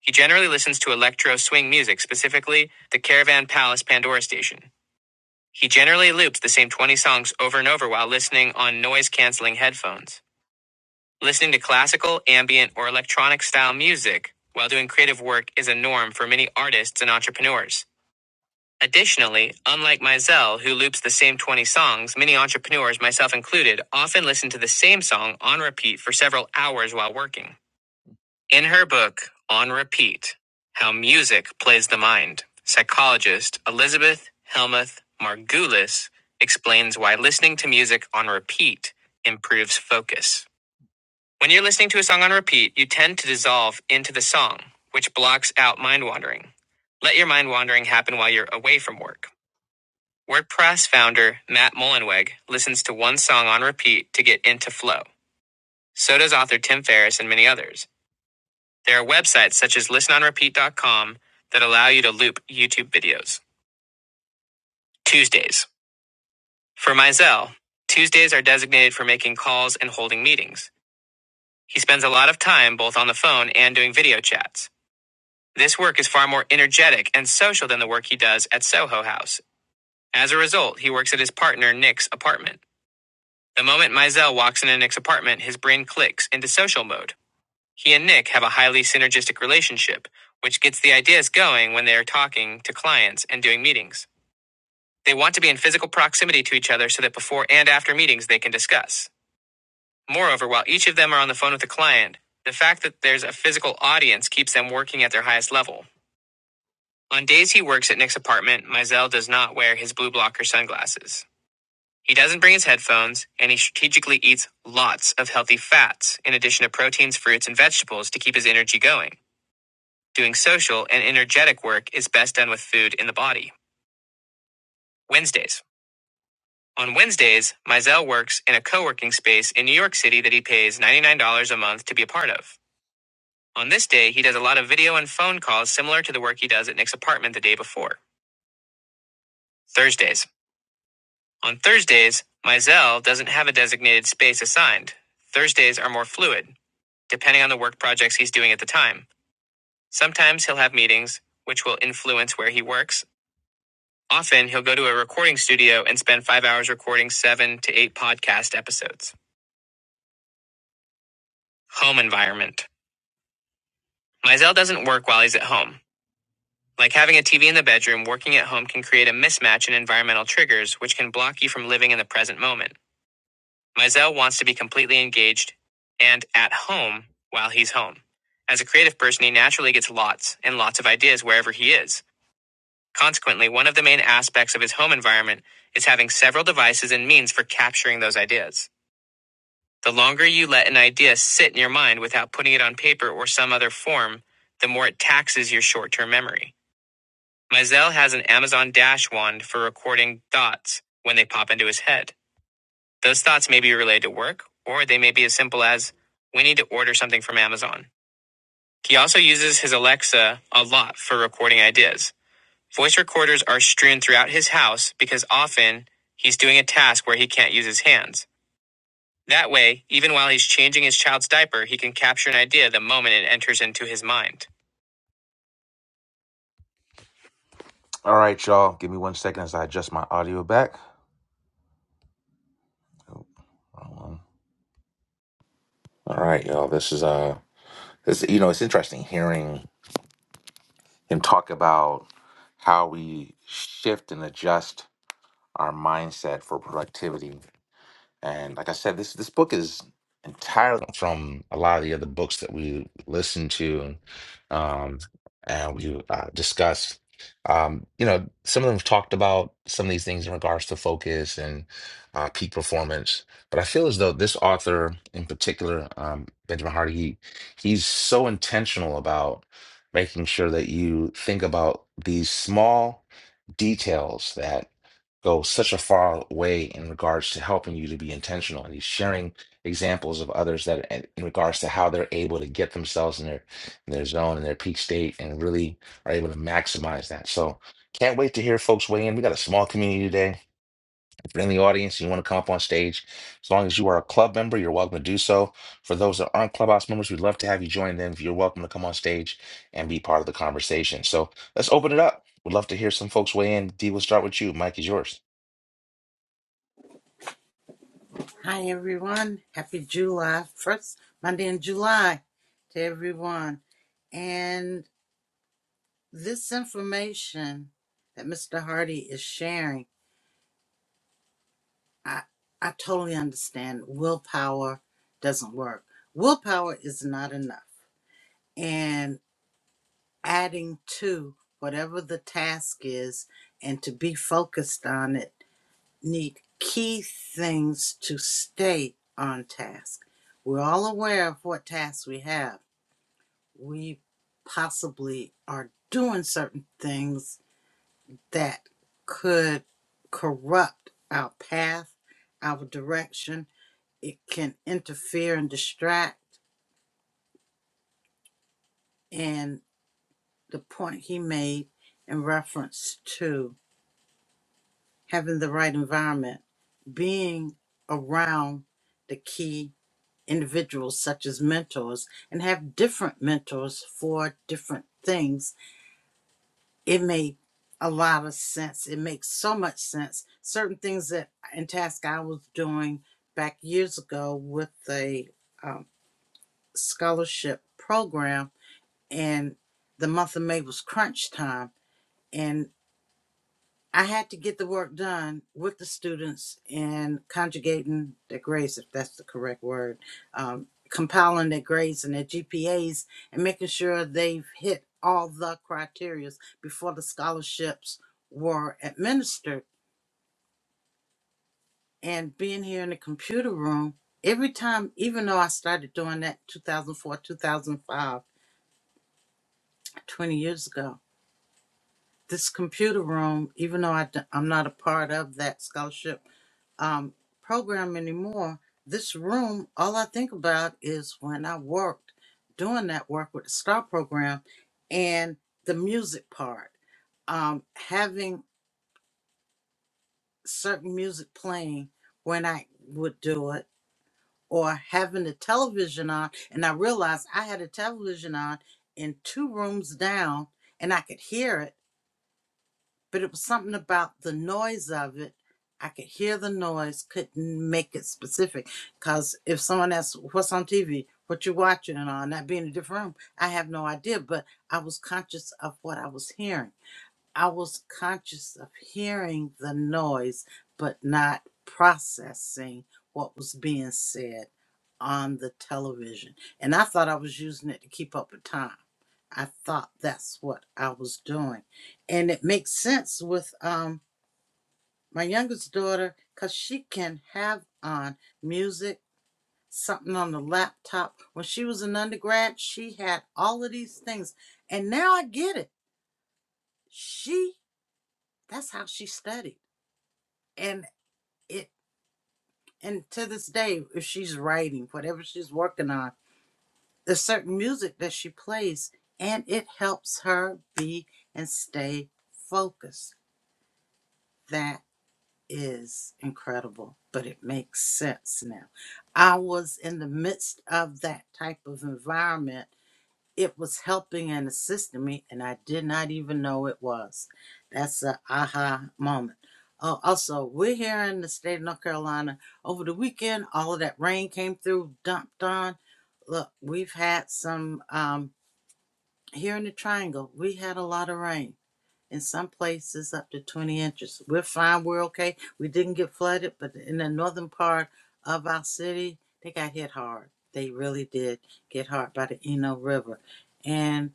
[SPEAKER 1] He generally listens to electro swing music, specifically the Caravan Palace Pandora station. He generally loops the same 20 songs over and over while listening on noise canceling headphones. Listening to classical, ambient, or electronic style music while doing creative work is a norm for many artists and entrepreneurs. Additionally, unlike Mizell, who loops the same 20 songs, many entrepreneurs, myself included, often listen to the same song on repeat for several hours while working. In her book, On Repeat How Music Plays the Mind, psychologist Elizabeth Helmuth Margulis explains why listening to music on repeat improves focus. When you're listening to a song on repeat, you tend to dissolve into the song, which blocks out mind wandering. Let your mind wandering happen while you're away from work. WordPress founder Matt Mullenweg listens to one song on repeat to get into flow. So does author Tim Ferriss and many others. There are websites such as listenonrepeat.com that allow you to loop YouTube videos. Tuesdays. For Mizell, Tuesdays are designated for making calls and holding meetings. He spends a lot of time both on the phone and doing video chats. This work is far more energetic and social than the work he does at Soho House. As a result, he works at his partner Nick's apartment. The moment Mizell walks into Nick's apartment, his brain clicks into social mode. He and Nick have a highly synergistic relationship, which gets the ideas going when they are talking to clients and doing meetings. They want to be in physical proximity to each other so that before and after meetings they can discuss. Moreover, while each of them are on the phone with a client, the fact that there's a physical audience keeps them working at their highest level. On days he works at Nick's apartment, Mizell does not wear his blue blocker sunglasses. He doesn't bring his headphones, and he strategically eats lots of healthy fats, in addition to proteins, fruits, and vegetables to keep his energy going. Doing social and energetic work is best done with food in the body. Wednesdays. On Wednesdays, Mizell works in a co working space in New York City that he pays $99 a month to be a part of. On this day, he does a lot of video and phone calls similar to the work he does at Nick's apartment the day before. Thursdays. On Thursdays, Mizell doesn't have a designated space assigned. Thursdays are more fluid, depending on the work projects he's doing at the time. Sometimes he'll have meetings, which will influence where he works, Often, he'll go to a recording studio and spend five hours recording seven to eight podcast episodes. Home environment. Mizell doesn't work while he's at home. Like having a TV in the bedroom, working at home can create a mismatch in environmental triggers, which can block you from living in the present moment. Mizell wants to be completely engaged and at home while he's home. As a creative person, he naturally gets lots and lots of ideas wherever he is. Consequently, one of the main aspects of his home environment is having several devices and means for capturing those ideas. The longer you let an idea sit in your mind without putting it on paper or some other form, the more it taxes your short term memory. Mizell has an Amazon Dash wand for recording thoughts when they pop into his head. Those thoughts may be related to work, or they may be as simple as, we need to order something from Amazon. He also uses his Alexa a lot for recording ideas. Voice recorders are strewn throughout his house because often he's doing a task where he can't use his hands. That way, even while he's changing his child's diaper, he can capture an idea the moment it enters into his mind. All right, y'all. Give me one second as I adjust my audio back. Oh, wrong one. All right, y'all. This is uh, this you know, it's interesting hearing him talk about how we shift and adjust our mindset for productivity. And like I said, this this book is entirely from a lot of the other books that we listened to and um, and we uh, discussed. Um, you know, some of them talked about some of these things in regards to focus and uh, peak performance, but I feel as though this author in particular, um, Benjamin Hardy, he, he's so intentional about making sure that you think about these small details that go such a far way in regards to helping you to be intentional. And he's sharing examples of others that, and in regards to how they're able to get themselves in their in their zone and their peak state, and really are able to maximize that. So can't wait to hear folks weigh in. We got a small community today. If you're in the audience and you want to come up on stage, as long as you are a club member, you're welcome to do so. For those that aren't clubhouse members, we'd love to have you join them. You're welcome to come on stage and be part of the conversation. So let's open it up. We'd love to hear some folks weigh in. D, we'll start with you. Mike is yours.
[SPEAKER 2] Hi everyone. Happy July. First Monday in July to everyone. And this information that Mr. Hardy is sharing, I, I totally understand willpower doesn't work. Willpower is not enough. And adding to whatever the task is and to be focused on it need key things to stay on task. We're all aware of what tasks we have we possibly are doing certain things that could corrupt our path, our direction. It can interfere and distract. And the point he made in reference to having the right environment, being around the key individuals such as mentors, and have different mentors for different things it made a lot of sense. It makes so much sense. Certain things that and tasks I was doing back years ago with a um, scholarship program, and the month of May was crunch time, and. I had to get the work done with the students and conjugating their grades, if that's the correct word, um, compiling their grades and their GPAs and making sure they've hit all the criterias before the scholarships were administered. And being here in the computer room, every time, even though I started doing that 2004, 2005, 20 years ago, this computer room, even though I, d- I'm not a part of that scholarship um, program anymore. This room, all I think about is when I worked doing that work with the STAR program and the music part. Um, having certain music playing when I would do it, or having the television on. And I realized I had a television on in two rooms down and I could hear it but it was something about the noise of it. I could hear the noise, couldn't make it specific. Cause if someone asks what's on TV, what you watching and all, and that being in a different room, I have no idea. But I was conscious of what I was hearing. I was conscious of hearing the noise, but not processing what was being said on the television. And I thought I was using it to keep up with time. I thought that's what I was doing. And it makes sense with um, my youngest daughter because she can have on music, something on the laptop. When she was an undergrad, she had all of these things. And now I get it. She, that's how she studied and it and to this day if she's writing whatever she's working on there's certain music that she plays and it helps her be and stay focused that is incredible but it makes sense now i was in the midst of that type of environment it was helping and assisting me, and I did not even know it was. That's a aha moment. Oh, also, we're here in the state of North Carolina. Over the weekend, all of that rain came through, dumped on. Look, we've had some um, here in the Triangle. We had a lot of rain in some places, up to 20 inches. We're fine. We're okay. We didn't get flooded, but in the northern part of our city, they got hit hard. They really did get hard by the Eno River, and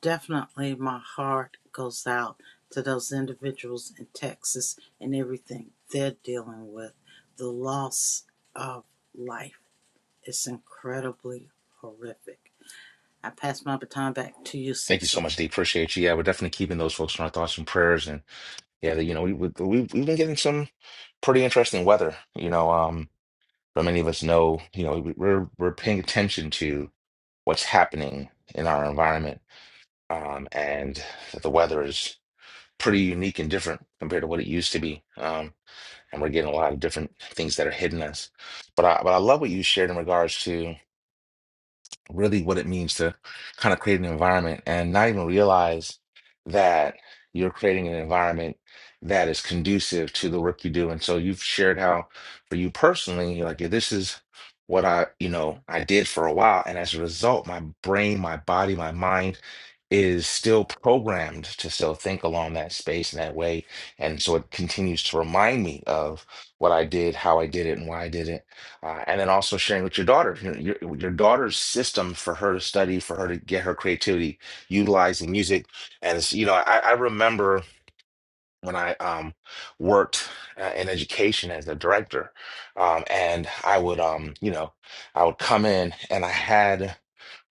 [SPEAKER 2] Definitely my heart goes out to those individuals in Texas and everything they're dealing with. The loss of life is incredibly horrific. I pass my baton back to you,
[SPEAKER 1] Thank you so
[SPEAKER 2] Cecil.
[SPEAKER 1] much, Dee. Appreciate you. Yeah, we're definitely keeping those folks in our thoughts and prayers. And yeah, you know, we, we we've we've been getting some pretty interesting weather. You know, um, but many of us know, you know, we- we're we're paying attention to what's happening in our environment, um, and that the weather is pretty unique and different compared to what it used to be. Um, and we're getting a lot of different things that are hitting us. But I but I love what you shared in regards to. really what it means to kind of create an environment and not even realize that you're creating an environment that is conducive to the work you do. And so you've shared how for you personally, you're like, yeah, this is what I, you know, I did for a while. And as a result, my brain, my body, my mind is still programmed to still think along that space in that way. And so it continues to remind me of what I did, how I did it, and why I did it uh, and then also sharing with your daughter you know, your, your daughter's system for her to study for her to get her creativity utilizing music and it's, you know I, I remember when i um, worked uh, in education as a director um, and i would um, you know i would come in and i had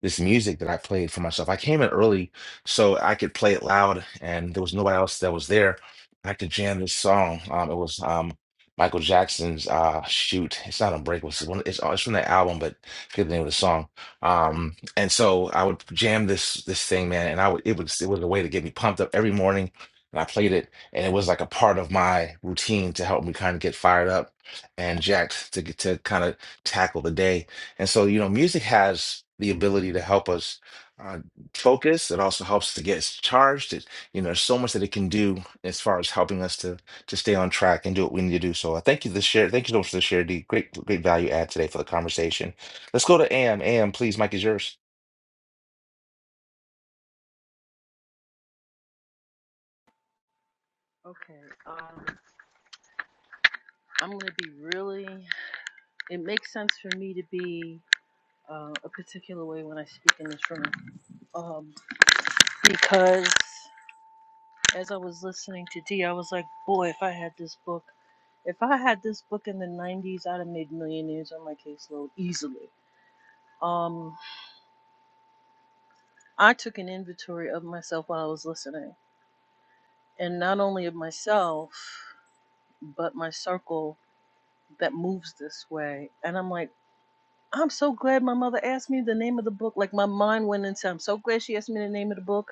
[SPEAKER 1] this music that I played for myself. I came in early so I could play it loud, and there was nobody else that was there. I could jam this song. Um, it was um, Michael Jackson's uh, shoot. It's not Unbreakable. It's, one, it's, uh, it's from that album, but I forget the name of the song. Um, and so I would jam this this thing, man, and I would it was it was a way to get me pumped up every morning. And I played it, and it was like a part of my routine to help me kind of get fired up and jacked to get to kind of tackle the day and so, you know, music has the ability to help us uh, focus. It also helps to get us charged. It, you know, there's so much that it can do as far as helping us to to stay on track and do what we need to do. So I thank you this share. Thank you so much for the share, D. Great, great value add today for the conversation. Let's go to AM. AM, please, Mike is yours.
[SPEAKER 4] Okay. Um, I'm gonna be really. It makes sense for me to be uh, a particular way when I speak in this room, um, because as I was listening to D, I was like, boy, if I had this book, if I had this book in the '90s, I'd have made millionaires on my caseload easily. Um, I took an inventory of myself while I was listening, and not only of myself, but my circle that moves this way, and I'm like. I'm so glad my mother asked me the name of the book. Like my mind went into, I'm so glad she asked me the name of the book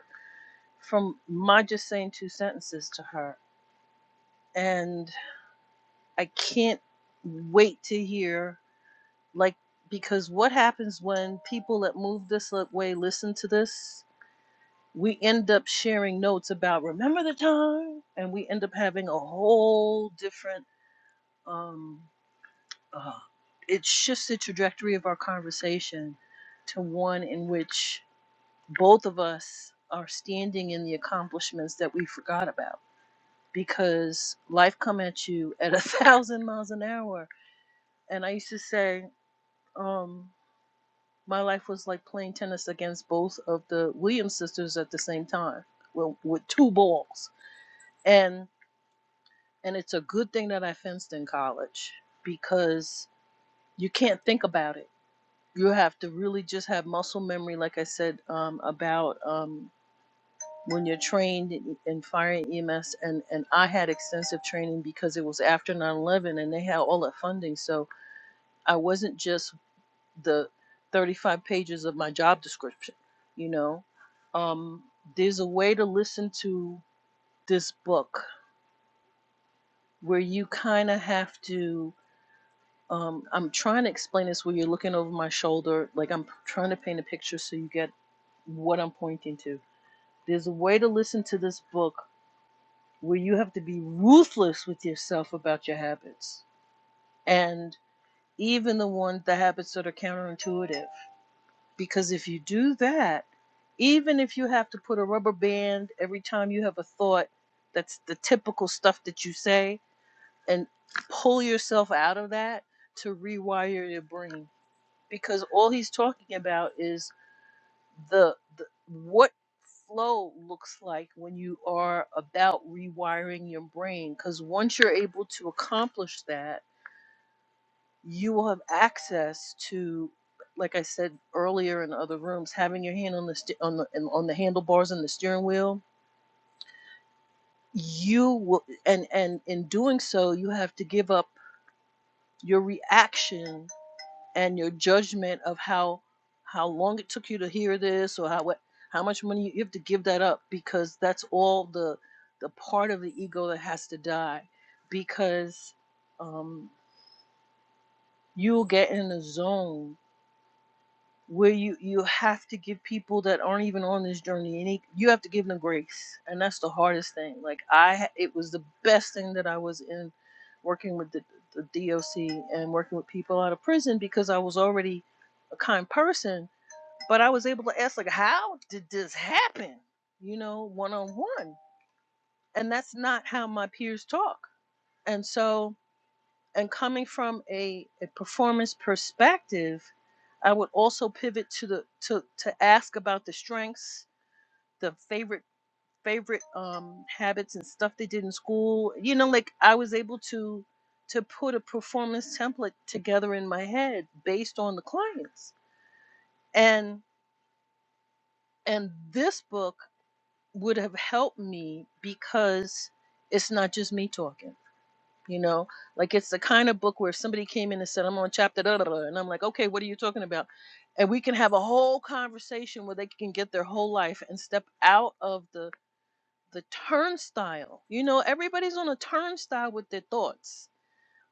[SPEAKER 4] from my just saying two sentences to her. And I can't wait to hear, like, because what happens when people that move this way listen to this? We end up sharing notes about remember the time, and we end up having a whole different. Um, uh, it shifts the trajectory of our conversation to one in which both of us are standing in the accomplishments that we forgot about because life come at you at a thousand miles an hour and i used to say um my life was like playing tennis against both of the williams sisters at the same time well, with two balls and and it's a good thing that i fenced in college because you can't think about it you have to really just have muscle memory like i said um, about um, when you're trained in in fire and EMS, and, and I had extensive training because it was after 9 11 and they had all that funding. So I wasn't just the 35 pages of my job description, you know. Um, there's a way to listen to this book where you kind of have to. Um, I'm trying to explain this where you're looking over my shoulder, like I'm trying to paint a picture so you get what I'm pointing to. There's a way to listen to this book where you have to be ruthless with yourself about your habits and even the ones the habits that are counterintuitive because if you do that even if you have to put a rubber band every time you have a thought that's the typical stuff that you say and pull yourself out of that to rewire your brain because all he's talking about is the, the what flow looks like when you are about rewiring your brain because once you're able to accomplish that you will have access to like i said earlier in the other rooms having your hand on the st- on the and on the handlebars and the steering wheel you will and and in doing so you have to give up your reaction and your judgment of how how long it took you to hear this or how what how much money you have to give that up because that's all the the part of the ego that has to die because um, you'll get in a zone where you you have to give people that aren't even on this journey any you have to give them grace and that's the hardest thing like i it was the best thing that i was in working with the, the doc and working with people out of prison because i was already a kind person but I was able to ask like, how did this happen? You know, one on one, and that's not how my peers talk. And so, and coming from a, a performance perspective, I would also pivot to the to to ask about the strengths, the favorite favorite um habits and stuff they did in school. You know, like I was able to to put a performance template together in my head based on the clients. And and this book would have helped me because it's not just me talking. You know, like it's the kind of book where if somebody came in and said, I'm on chapter da da da, and I'm like, okay, what are you talking about? And we can have a whole conversation where they can get their whole life and step out of the the turnstile. You know, everybody's on a turnstile with their thoughts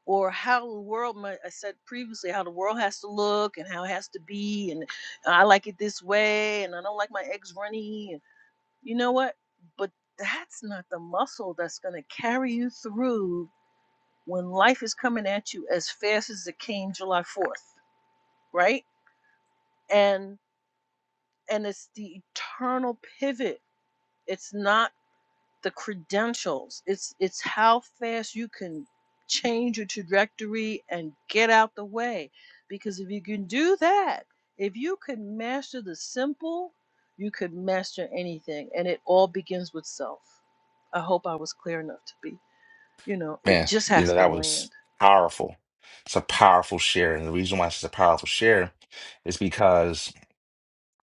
[SPEAKER 4] or how the world might I said previously how the world has to look and how it has to be and I like it this way and I don't like my eggs runny and you know what? But that's not the muscle that's going to carry you through when life is coming at you as fast as it came July 4th, right? And and it's the eternal pivot. It's not the credentials. It's it's how fast you can change your trajectory and get out the way. Because if you can do that, if you can master the simple, you could master anything. And it all begins with self. I hope I was clear enough to be, you know, it
[SPEAKER 1] Man,
[SPEAKER 4] just
[SPEAKER 1] you
[SPEAKER 4] has
[SPEAKER 1] know,
[SPEAKER 4] to
[SPEAKER 1] that was
[SPEAKER 4] land.
[SPEAKER 1] powerful. It's a powerful share. And the reason why it's a powerful share is because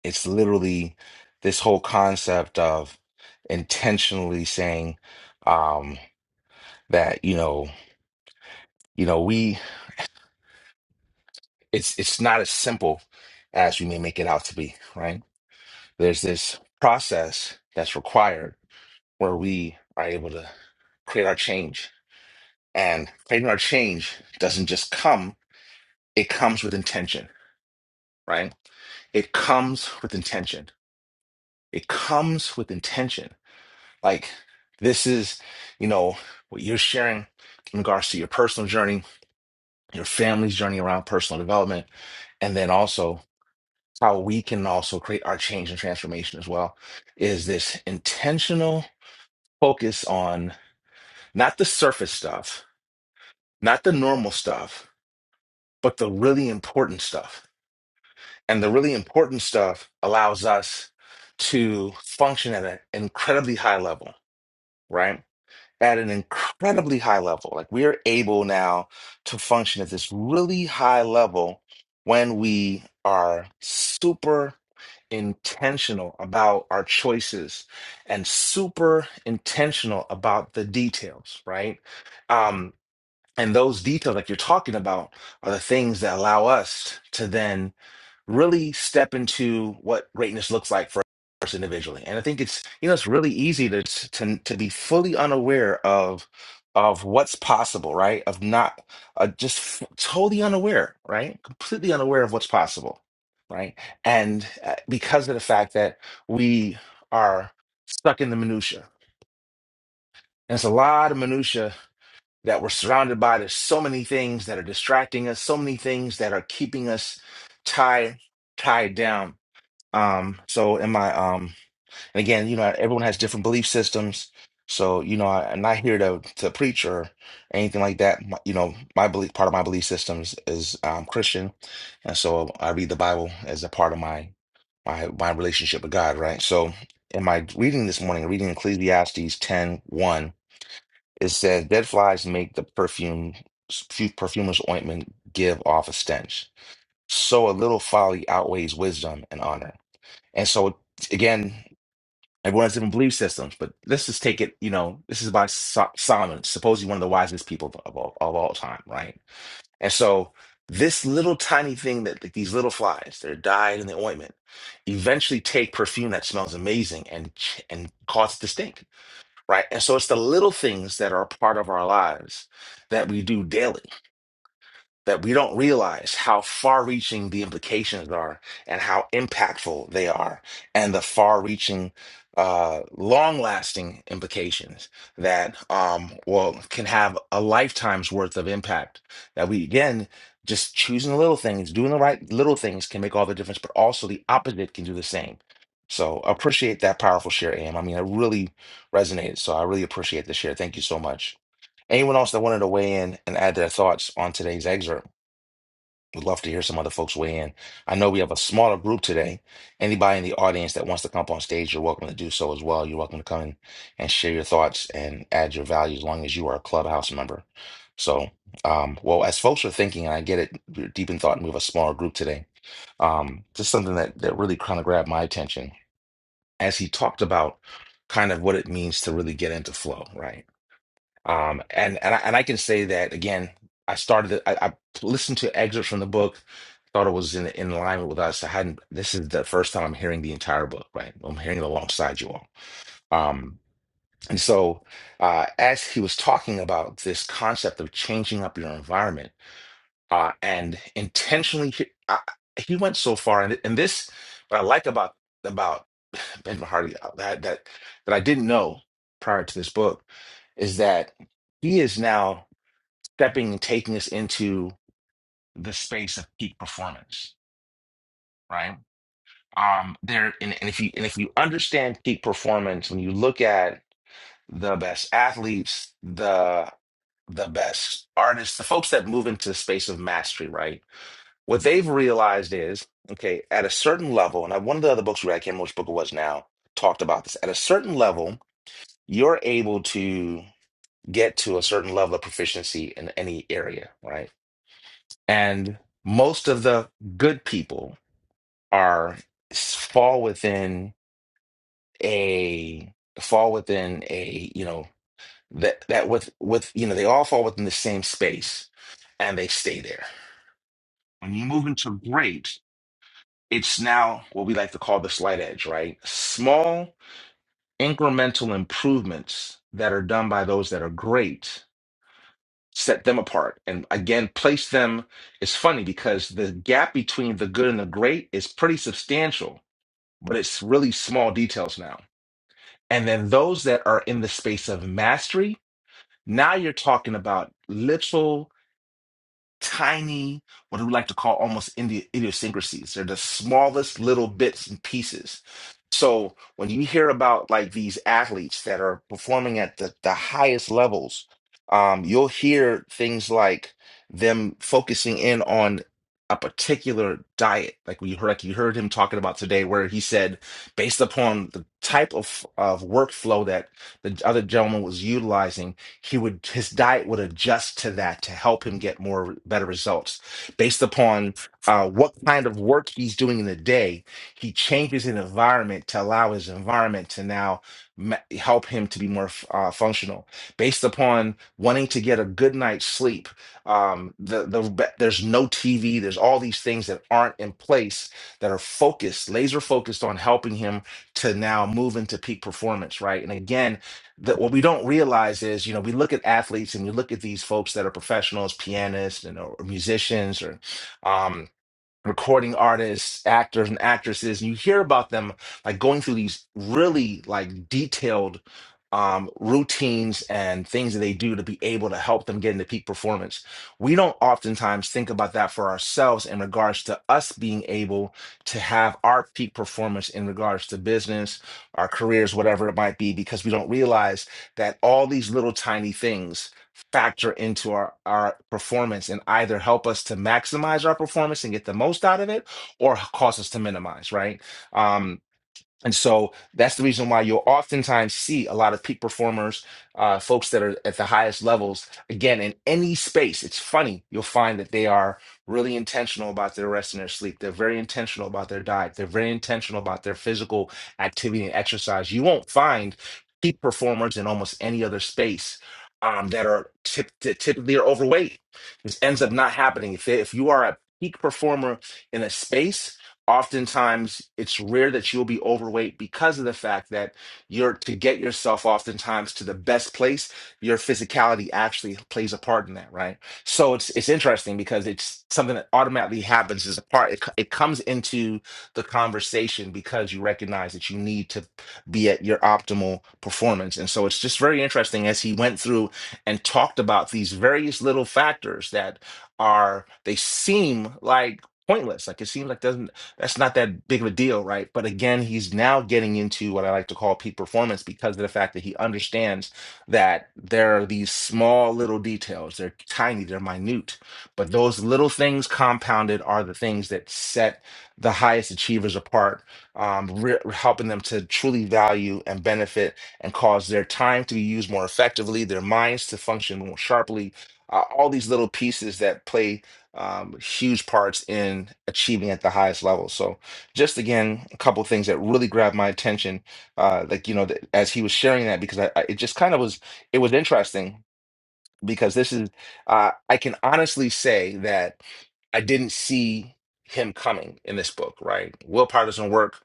[SPEAKER 1] It's literally this whole concept of intentionally saying um, that you know, you know, we it's it's not as simple as we may make it out to be, right? There's this process that's required where we are able to create our change, and creating our change doesn't just come; it comes with intention, right? It comes with intention. It comes with intention Like, this is, you know, what you're sharing in regards to your personal journey, your family's journey around personal development, and then also how we can also create our change and transformation as well is this intentional focus on not the surface stuff, not the normal stuff, but the really important stuff. And the really important stuff allows us to function at an incredibly high level, right? at an incredibly high level. Like we are able now to function at this really high level when we are super intentional about our choices and super intentional about the details, right? Um, and those details, like you're talking about, are the things that allow us to then really step into what greatness looks like for us individually. And I think it's you know it's really easy to to to be fully unaware of of what's possible, right? Of not uh, just f- totally unaware, right? Completely unaware of what's possible, right? And uh, because of the fact that we are stuck in the minutia, and it's a lot of minutia that we're surrounded by. There's so many things that are distracting us, so many things that are keeping us tied tied down um, so in my um, and again, you know, everyone has different belief systems. So, you know, I, I'm not here to to preach or anything like that. My- you know, my belief, part of my belief systems is um, Christian, and so I read the Bible as a part of my my my relationship with God, right? So, in my reading this morning, reading Ecclesiastes 10, one, it says, "Dead flies make the perfume few perfumers' ointment give off a stench. So a little folly outweighs wisdom and honor." And so again, everyone has different belief systems, but let's just take it, you know, this is by So- Solomon, supposedly one of the wisest people of, of all, of all time, right? And so this little tiny thing that that these little flies that are dyed in the ointment eventually take perfume that smells amazing and ch- and cause it to stink, right? And so it's the little things that are a part of our lives that we do daily that we don't realize how far reaching the implications are and how impactful they are and the far reaching uh long lasting implications that um well can have a lifetime's worth of impact that we again just choosing the little things doing the right little things can make all the difference but also the opposite can do the same so appreciate that powerful share am i mean it really resonated so i really appreciate the share thank you so much anyone else that wanted to weigh in and add their thoughts on today's excerpt would love to hear some other folks weigh in. I know we have a smaller group today. Anybody in the audience that wants to come up on stage, you're welcome to do so as well. You're welcome to come in and share your thoughts and add your value as long as you are a clubhouse member. So, um, well, as folks are thinking, and I get it, we're deep in thought, and we have a smaller group today. Um, just something that that really kind of grabbed my attention as he talked about kind of what it means to really get into flow, right? Um, and and I, and I can say that again. I started. the- I, I listened to excerpts from the book. Thought it was in in alignment with us. I hadn't. This is the first time I'm hearing the entire book. Right, I'm hearing it alongside you all. Um, and so uh, as he was talking about this concept of changing up your environment uh, and intentionally he, I, he went so far and, and this what i like about about ben Hardy uh, that that that i didn't know prior to this book is that he is now stepping and taking us into the space of peak performance right um there and, and if you and if you understand peak performance when you look at the best athletes the the best artists the folks that move into the space of mastery right What they've realized is, okay, at a certain level, and I, one of the other books we read, I can't remember which book it was now, talked about this. At a certain level, you're able to get to a certain level of proficiency in any area, right? And most of the good people are fall within a fall within a, you know, that that with with you know, they all fall within the same space and they stay there. When you move into great. It's now what we like to call the slight edge, right? Small incremental improvements that are done by those that are great set them apart. And again, place them. It's funny because the gap between the good and the great is pretty substantial, but it's really small details now. And then those that are in the space of mastery, now you're talking about little. tiny, what we like to call almost Indi- idiosyncrasies. They're the smallest little bits and pieces. So when you hear about like these athletes that are performing at the, the highest levels, um, you'll hear things like them focusing in on a particular diet, like we heard, like you heard him talking about today, where he said, based upon the type of of workflow that the other gentleman was utilizing he would his diet would adjust to that to help him get more better results based upon uh, what kind of work he's doing in the day he changes an environment to allow his environment to now ma- help him to be more f- uh, functional based upon wanting to get a good night's sleep um, the, the be- there's no tv there's all these things that aren't in place that are focused laser focused on helping him to now move into peak performance right and again that what we don't realize is, you know, we look at athletes and we look at these folks that are professionals, pianists and or musicians or um, recording artists, actors, and actresses, and you hear about them like going through these really like detailed um, routines and things that they do to be able to help them get into peak performance. We don't oftentimes think about that for ourselves in regards to us being able to have our peak performance in regards to business, our careers, whatever it might be, because we don't realize that all these little tiny things factor into our, our performance and either help us to maximize our performance and get the most out of it or cause us to minimize, right? Um, and so that's the reason why you'll oftentimes see a lot of peak performers, uh, folks that are at the highest levels. Again, in any space, it's funny, you'll find that they are really intentional about their rest and their sleep. They're very intentional about their diet. They're very intentional about their physical activity and exercise. You won't find peak performers in almost any other space um, that are tip- that typically are overweight. This ends up not happening. If, they, if you are a peak performer in a space, oftentimes it's rare that you'll be overweight because of the fact that you're to get yourself oftentimes to the best place your physicality actually plays a part in that right so it's it's interesting because it's something that automatically happens as a part it, co- it comes into the conversation because you recognize that you need to be at your optimal performance and so it's just very interesting as he went through and talked about these various little factors that are they seem like pointless like it seems like doesn't that's not that big of a deal, right? But again, he's now getting into what I like to call peak performance because of the fact that he understands that there are these small little details. They're tiny, they're minute, but those little things compounded are the things that set the highest achievers apart, um, re- helping them to truly value and benefit and cause their time to be used more effectively, their minds to function more sharply. Uh, all these little pieces that play um, huge parts in achieving at the highest level. So, just again, a couple things that really grabbed my attention, uh, like you know, th- as he was sharing that, because I, I it just kind of was it was interesting because this is uh, I can honestly say that I didn't see him coming in this book, right? Willpower doesn't work.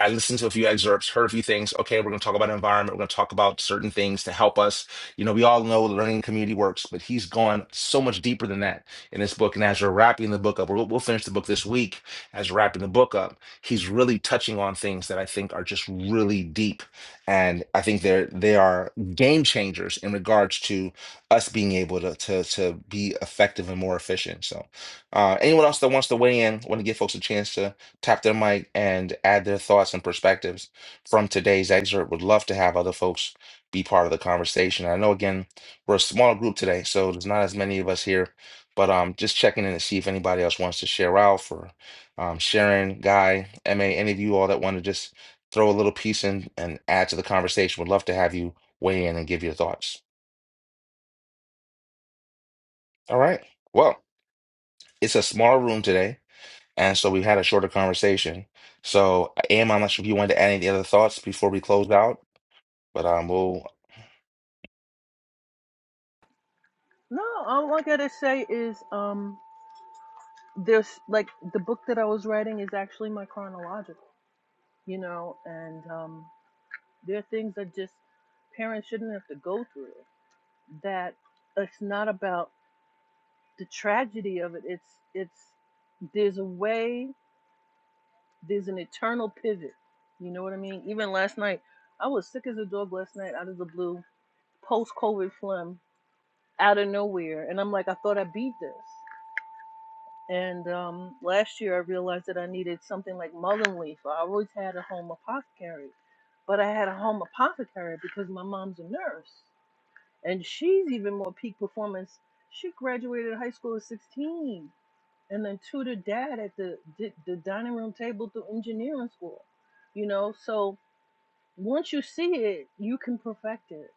[SPEAKER 1] I listened to a few excerpts, heard a few things. Okay, we're going to talk about environment. We're going to talk about certain things to help us. You know, we all know the learning community works, but he's gone so much deeper than that in this book. And as we're wrapping the book up, we'll, we'll finish the book this week. As we're wrapping the book up, he's really touching on things that I think are just really deep, and I think they're they are game changers in regards to us being able to to to be effective and more efficient. So, uh, anyone else that wants to weigh in, want to give folks a chance to tap their mic and add their thoughts and perspectives from today's excerpt. Would love to have other folks be part of the conversation. I know again we're a small group today, so there's not as many of us here, but um, just checking in to see if anybody else wants to share. Ralph or um, Sharon, Guy, Ma, any of you all that want to just throw a little piece in and add to the conversation. Would love to have you weigh in and give your thoughts. All right. well. it's a small room today, and so we had a shorter conversation. So, Am, I'm not sure if you wanted to add any other thoughts before we close out, but um, we'll
[SPEAKER 4] No, all I gotta say is um there's like the book that I was writing is actually my chronological, you know, and um, there are things that just parents shouldn't have to go through. That it's not about the tragedy of it. It's it's there's a way. There's an eternal pivot. You know what I mean? Even last night, I was sick as a dog last night, out of the blue, post COVID phlegm, out of nowhere, and I'm like, I thought I beat this. And um, last year, I realized that I needed something like mullein leaf. I always had a home apothecary, but I had a home apothecary because my mom's a nurse, and she's even more peak performance. She graduated high school at 16, and then tutored dad at the di- the dining room table through engineering school. You know, so once you see it, you can perfect it,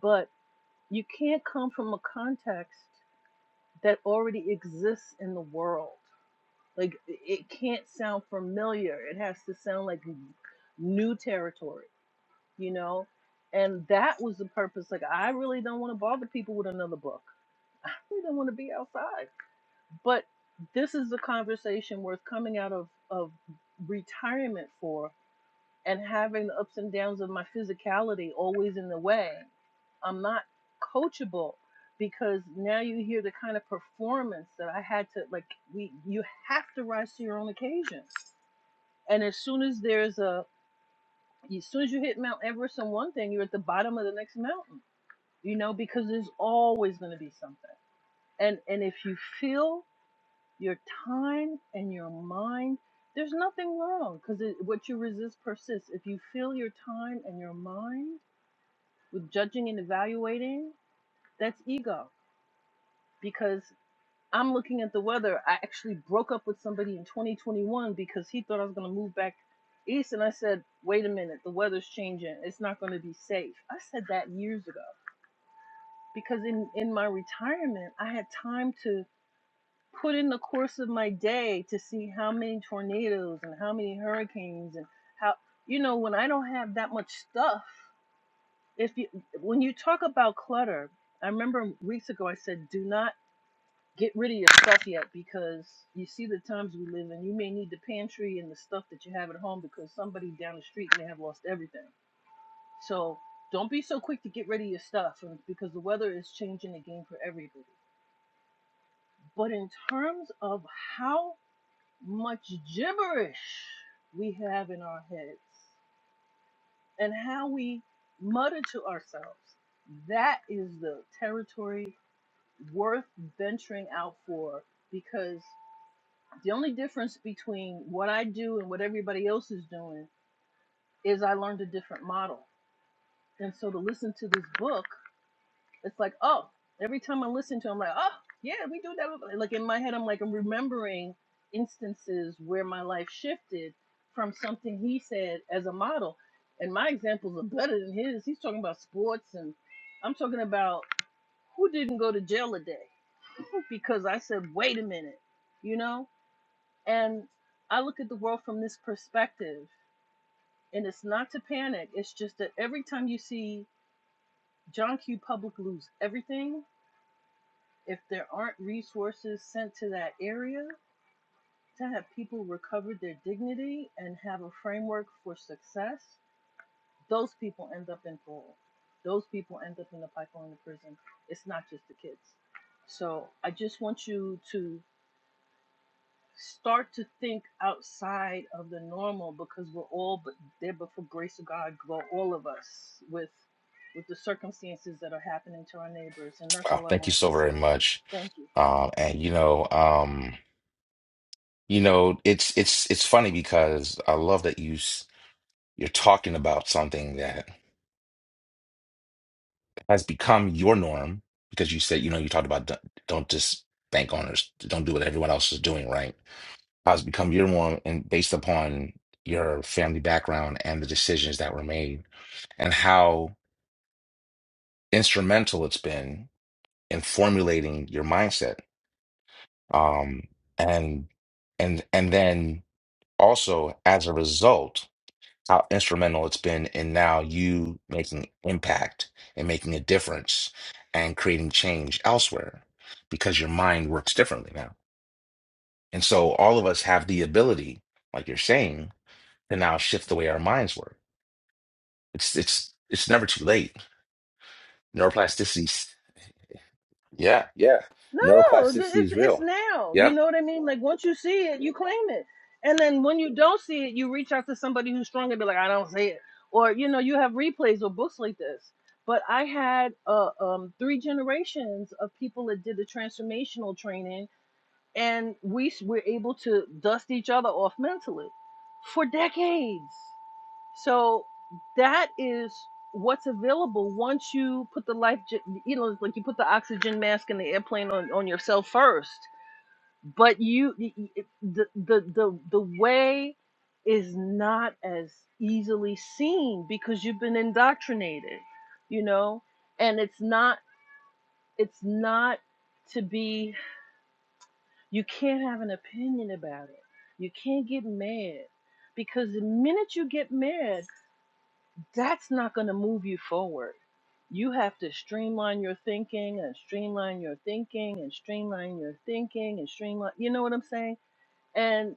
[SPEAKER 4] but you can't come from a context that already exists in the world like it can't sound familiar. It has to sound like new territory, you know? And that was the purpose. Like I really don't want to bother people with another book. I really don't want to be outside. But this is the conversation worth coming out of, of retirement for and having the ups and downs of my physicality always in the way, I'm not coachable because now you hear the kind of performance that I had to like we you have to rise to your own occasion. And as soon as there's a as soon as you hit Mount Everest on one thing, you're at the bottom of the next mountain. You know, because there's always gonna be something. And and if you feel your time and your mind there's nothing wrong because what you resist persists if you fill your time and your mind with judging and evaluating that's ego because i'm looking at the weather i actually broke up with somebody in 2021 because he thought i was going to move back east and i said wait a minute the weather's changing it's not going to be safe i said that years ago because in in my retirement i had time to put in the course of my day to see how many tornadoes and how many hurricanes and how you know when I don't have that much stuff. If you when you talk about clutter, I remember weeks ago I said do not get rid of your stuff yet because you see the times we live in. You may need the pantry and the stuff that you have at home because somebody down the street may have lost everything. So don't be so quick to get rid of your stuff because the weather is changing the game for everybody. But in terms of how much gibberish we have in our heads and how we mutter to ourselves. That is the territory worth venturing out for because the only difference between what I do and what everybody else is doing is I learned a different model. And so to listen to this book It's like, oh, every time I listen to him, I'm like, oh, yeah, we do that. Like in my head, I'm like, I'm remembering instances where my life shifted from something he said as a model. And my examples are better than his. He's talking about sports, and I'm talking about who didn't go to jail a day because I said, wait a minute, you know? And I look at the world from this perspective, and it's not to panic. It's just that every time you see John Q. Public lose everything, If there aren't resources sent to that area to have people recover their dignity and have a framework for success, those people end up in parole. Those people end up in the pipeline of prison. It's not just the kids. So I just want you to start to think outside of the normal because we're all but there but for grace of God go all of us with with the circumstances that are happening to our neighbors and that's
[SPEAKER 1] uh,
[SPEAKER 4] all I
[SPEAKER 1] thank you
[SPEAKER 4] wanted
[SPEAKER 1] so
[SPEAKER 4] to
[SPEAKER 1] very
[SPEAKER 4] say.
[SPEAKER 1] much.
[SPEAKER 4] Thank you.
[SPEAKER 1] Um, and you know, um, you know, it's it's it's funny because I love that you s- you're talking about something that has become your norm because you said you know you talked about don't, don't just bank on owners, don't do what everyone else is doing, right? Has become your norm and based upon your family background and the decisions that were made. and how instrumental it's been in formulating your mindset. Um, and and and then also as a result, how instrumental it's been in now you making impact and making a difference and creating change elsewhere because your mind works differently now. And so all of us have the ability, like you're saying, to now shift the way our minds work. It's it's it's never too late neuroplasticity Yeah, yeah.
[SPEAKER 4] No, th-
[SPEAKER 1] Neuroplasticity
[SPEAKER 4] it's
[SPEAKER 1] is
[SPEAKER 4] it's
[SPEAKER 1] real.
[SPEAKER 4] now. You
[SPEAKER 1] Yep.
[SPEAKER 4] know what I mean? Like once you see it, you claim it, and then when you don't see it, you reach out to somebody who's stronger. and Be like, I don't see it, or you know, you have replays or books like this. But I had uh, um, three generations of people that did the transformational training, and we s- were able to dust each other off mentally for decades. So that is what's available once you put the life, j- you know, like you put the oxygen mask in the airplane on, on yourself first. But you, y- y- it- the, the, the, the way is not as easily seen because you've been indoctrinated, you know, and it's not, it's not to be, you can't have an opinion about it. You can't get mad because the minute you get mad, that's not going to move you forward. You have to streamline your thinking and streamline your thinking and streamline your thinking and streamline. You know what I'm saying? And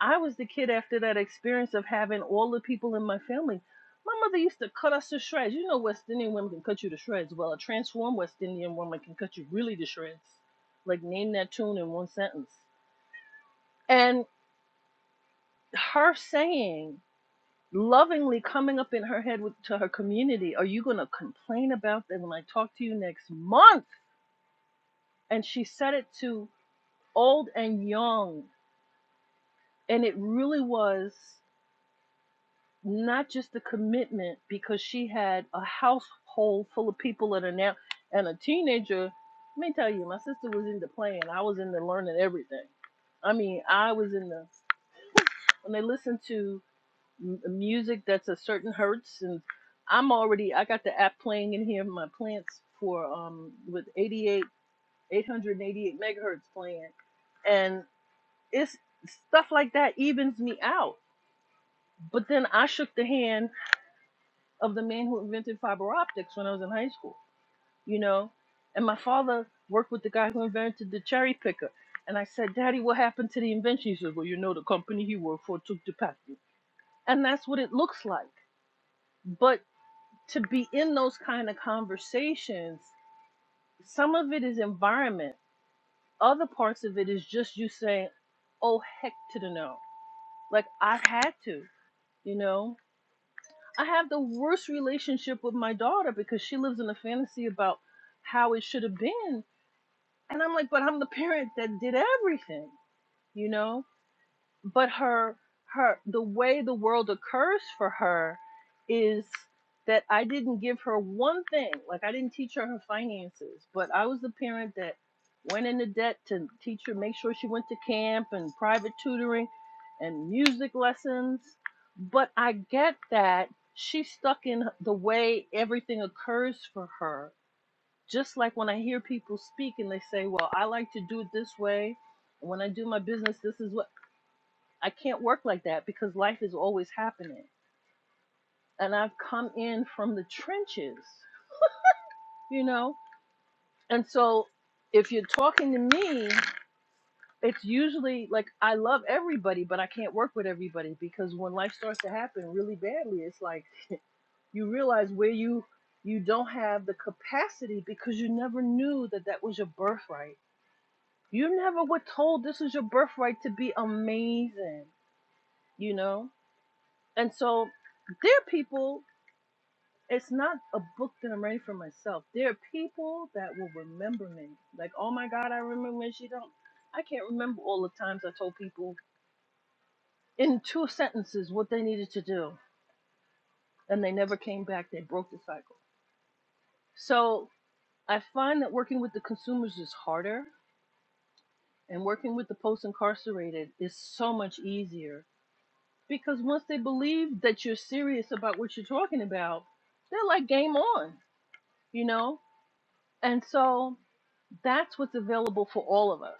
[SPEAKER 4] I was the kid after that experience of having all the people in my family. My mother used to cut us to shreds. You know, West Indian women can cut you to shreds. Well, a transformed West Indian woman can cut you really to shreds. Like, name that tune in one sentence. And her saying lovingly coming up in her head with, to her community are you going to complain about them when i talk to you next month and she said it to old and young and it really was not just a commitment because she had a household full of people that are now and a teenager let me tell you my sister was into playing i was into learning everything i mean i was in the when they listened to m- music that's a certain hertz and i'm already i got the app playing in here my plants for um with 88 888 megahertz playing and it's stuff like that evens me out but then i shook the hand of the man who invented fiber optics when i was in high school you know and my father worked with the guy who invented the cherry picker and i said daddy what happened to the invention he said well you know the company he worked for took the patent and that's what it looks like but to be in those kind of conversations, some of it is environment. Other parts of it is just you saying, oh, heck to the no. Like, I had to, you know? I have the worst relationship with my daughter because she lives in a fantasy about how it should have been. And I'm like, but I'm the parent that did everything, you know? but her her the way the world occurs for her is that I didn't give her one thing. Like I didn't teach her her finances, but I was the parent that went into debt to teach her, make sure she went to camp and private tutoring and music lessons. But I get that she's stuck in the way everything occurs for her. Just like when I hear people speak and they say, "Well, I like to do it this way." And When I do my business, this is what I can't work like that because life is always happening. And I've come in from the trenches, you know? And so if you're talking to me, it's usually like I love everybody, but I can't work with everybody because when life starts to happen really badly, it's like you realize where you you don't have the capacity because you never knew that that was your birthright. You never were told this is your birthright to be amazing, you know? And so there are people it's not a book that I'm writing for myself. There are people that will remember me. Like, oh my God, I remember when she don't. I can't remember all the times I told people in two sentences what they needed to do, and they never came back. They broke the cycle. So I find that working with the consumers is harder, and working with the post-incarcerated is so much easier because once they believe that you're serious about what you're talking about, they're like game on, you know. And so that's what's available for all of us.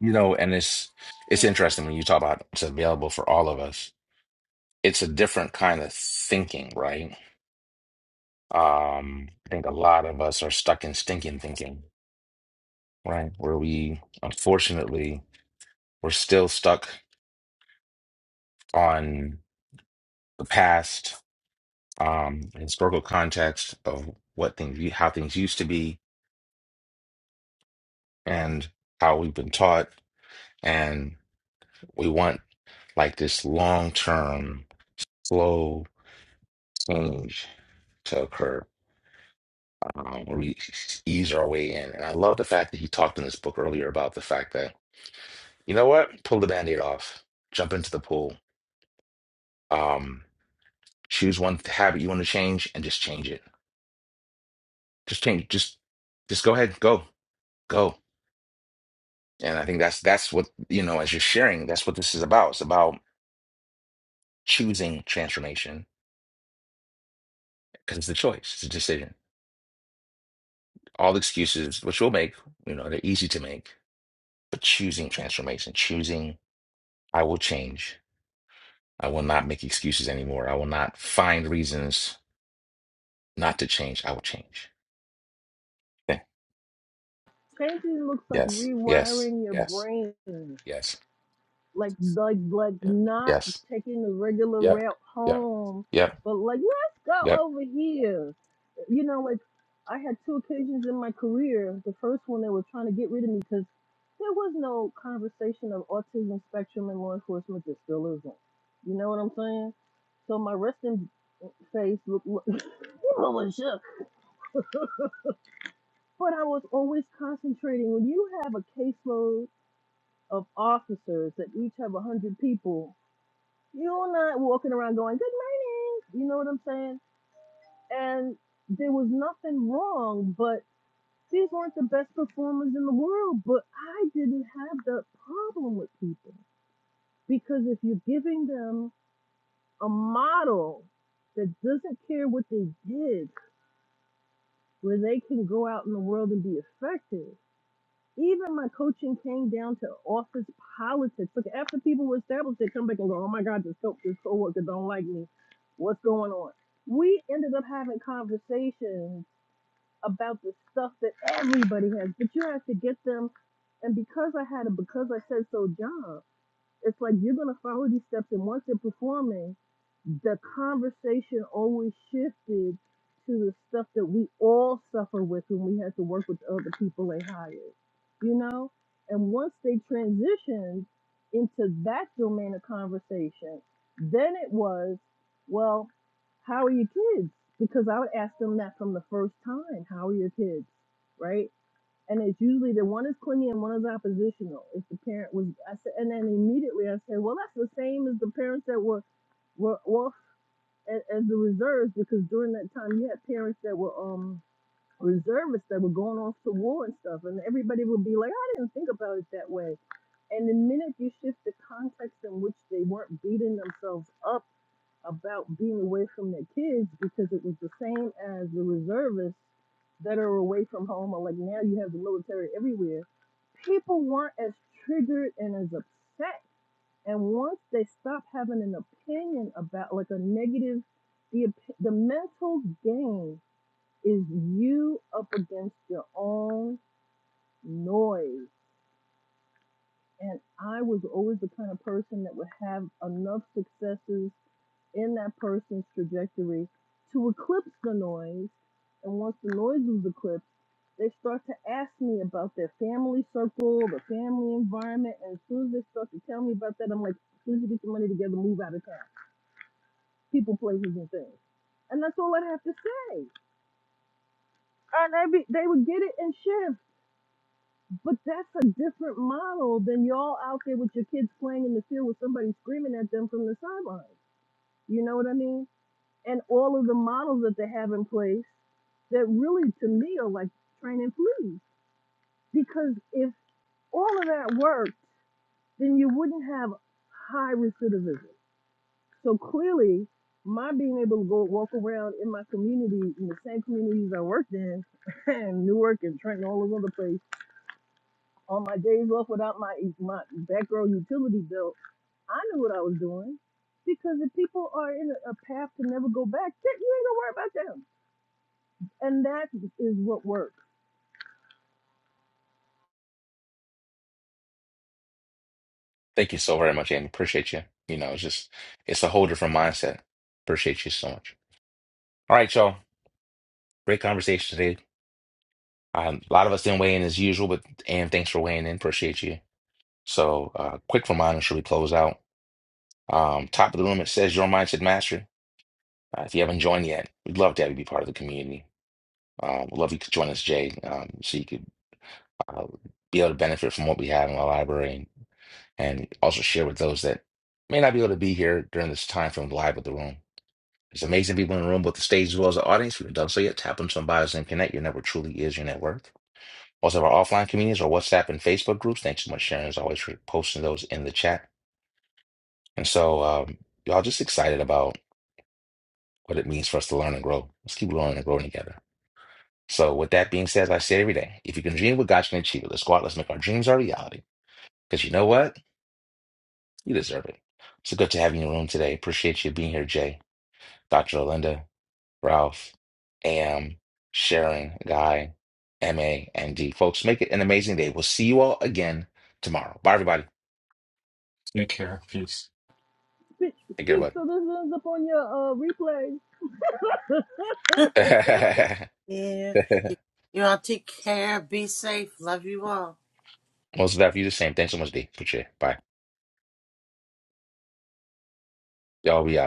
[SPEAKER 1] You know, and it's it's
[SPEAKER 4] Thank you.
[SPEAKER 1] interesting when you talk about it's available for all of us. It's a different kind of thinking, right? Um, I think a lot of us are stuck in stinking thinking, right? Where we unfortunately we're still stuck on the past, um, historical context of what things how things used to be and how we've been taught, and we want like this long-term flow change to occur um, where we ease our way in. And I love the fact that he talked in this book earlier about the fact that, you know what, pull the band aid off, jump into the pool, um, choose one habit you want to change and just change it. Just change, just just go ahead, go, go. And I think that's that's what, you know, as you're sharing, that's what this is about. It's about choosing transformation because it's a choice, it's a decision. All the excuses, which we'll make, you know, they're easy to make, but choosing transformation, choosing I will change I will not make excuses anymore. I will not find reasons not to change. I will change. Yeah.
[SPEAKER 4] Painting looks like
[SPEAKER 1] Yes. Yes.
[SPEAKER 4] rewiring your
[SPEAKER 1] Yes.
[SPEAKER 4] brain.
[SPEAKER 1] Yes.
[SPEAKER 4] like like like
[SPEAKER 1] Yeah.
[SPEAKER 4] not
[SPEAKER 1] Yes.
[SPEAKER 4] taking the regular
[SPEAKER 1] Yep.
[SPEAKER 4] route
[SPEAKER 1] Yep.
[SPEAKER 4] home,
[SPEAKER 1] Yep.
[SPEAKER 4] but like let's
[SPEAKER 1] Yep.
[SPEAKER 4] go over here. You know, like I had two occasions in my career. The first one they were trying to get rid of me because there was no conversation of autism spectrum in law enforcement. There still isn't. You know what I'm saying? So my resting face looked look, was shook. But I was always concentrating. When you have a caseload of officers that each have 100 people You're not walking around going, good morning. You know what I'm saying? And there was nothing wrong, but these weren't the best performers in the world. But I didn't have that problem with people because if you're giving them a model that doesn't care what they did, where they can go out in the world and be effective, Even my coaching came down to office politics. Look, after people were established, they come back and go, "Oh my God, this co- this coworker don't like me. What's going on?" We ended up having conversations about the stuff that everybody has, but you have to get them. And because I had a because I said so job, it's like you're gonna follow these steps, and once they're performing, the conversation always shifted to the stuff that we all suffer with when we had to work with other people they hired, you know? And once they transitioned into that domain of conversation, then it was, well, how are your kids? Because I would ask them that from the first time, how are your kids? Right? and it's usually the one is clingy and one is oppositional. If the parent was, I said, and then immediately I said, well, that's the same as the parents that were were off as, as the reserves because during that time you had parents that were um reservists that were going off to war and stuff, and everybody would be like, "Oh, I didn't think about it that way. And the minute you shift the context in which they weren't beating themselves up about being away from their kids because it was the same as the reservists that are away from home or like now you have the military everywhere people weren't as triggered and as upset and once they stop having an opinion about like a negative the the mental game is you up against your own noise and I was always the kind of person that would have enough successes in that person's trajectory to eclipse the noise. And once the noise was eclipsed, they start to ask me about their family circle, the family environment. And as soon as they start to tell me about that, I'm like, as soon as you get your money together, move out of town. People, places, and things. And that's all I'd have to say. And every, they would get it and shift. But that's a different model than y'all out there with your kids playing in the field with somebody screaming at them from the sideline. You know what I mean? And all of the models that they have in place that really, to me, are like training fleas. Because if all of that worked, then you wouldn't have high recidivism. So clearly, my being able to go walk around in my community, in the same communities I worked in, and Newark and Trenton, all those other places on my days off without my e, my background utility bill, I knew what I was doing because if people are in a, a path to never go back, shit, you ain't gonna worry about them. And that is what works.
[SPEAKER 1] Thank you so very much, Andy. Appreciate you. You know, it's just it's a whole different mindset. Appreciate you so much. All right, y'all. Great conversation today. Um, a lot of us didn't weigh in as usual, but Ann, thanks for weighing in. Appreciate you. So, uh, quick reminder: should we close out? Um, top of the room, it says your mindset mastery. Uh, if you haven't joined yet, we'd love to have you be part of the community. Uh, we'd love you to join us, Jay, um, so you could uh, be able to benefit from what we have in our library and, and also share with those that may not be able to be here during this time from live with the room. There's amazing people in the room, both the stage as well as the audience. If you haven't done so yet, tap on some bios and connect. Your network truly is your net worth. Also, our offline communities, our WhatsApp and Facebook groups. Thanks so much, Sharon, as always, for posting those in the chat. And so, um, y'all just excited about what it means for us to learn and grow. Let's keep learning and growing together. So, with that being said, as I say every day, if you can dream what God can achieve it, let's go out, let's make our dreams our reality. Because you know what? You deserve it. So good to have you in the room today. Appreciate you being here, Jay, Dr. Linda, Ralph, AM, Sharon, Guy, MA, and D. Folks, make it an amazing day. We'll see you all again tomorrow. Bye, everybody.
[SPEAKER 5] Take care. Peace.
[SPEAKER 4] Speak,
[SPEAKER 1] Take care,
[SPEAKER 4] speak
[SPEAKER 1] bud.
[SPEAKER 4] so this ends up on your uh, replay.
[SPEAKER 2] yeah. You all take care. Be safe. Love you all.
[SPEAKER 1] Most of that for you the same. Thanks so much, D. Appreciate it. Bye. Y'all be out.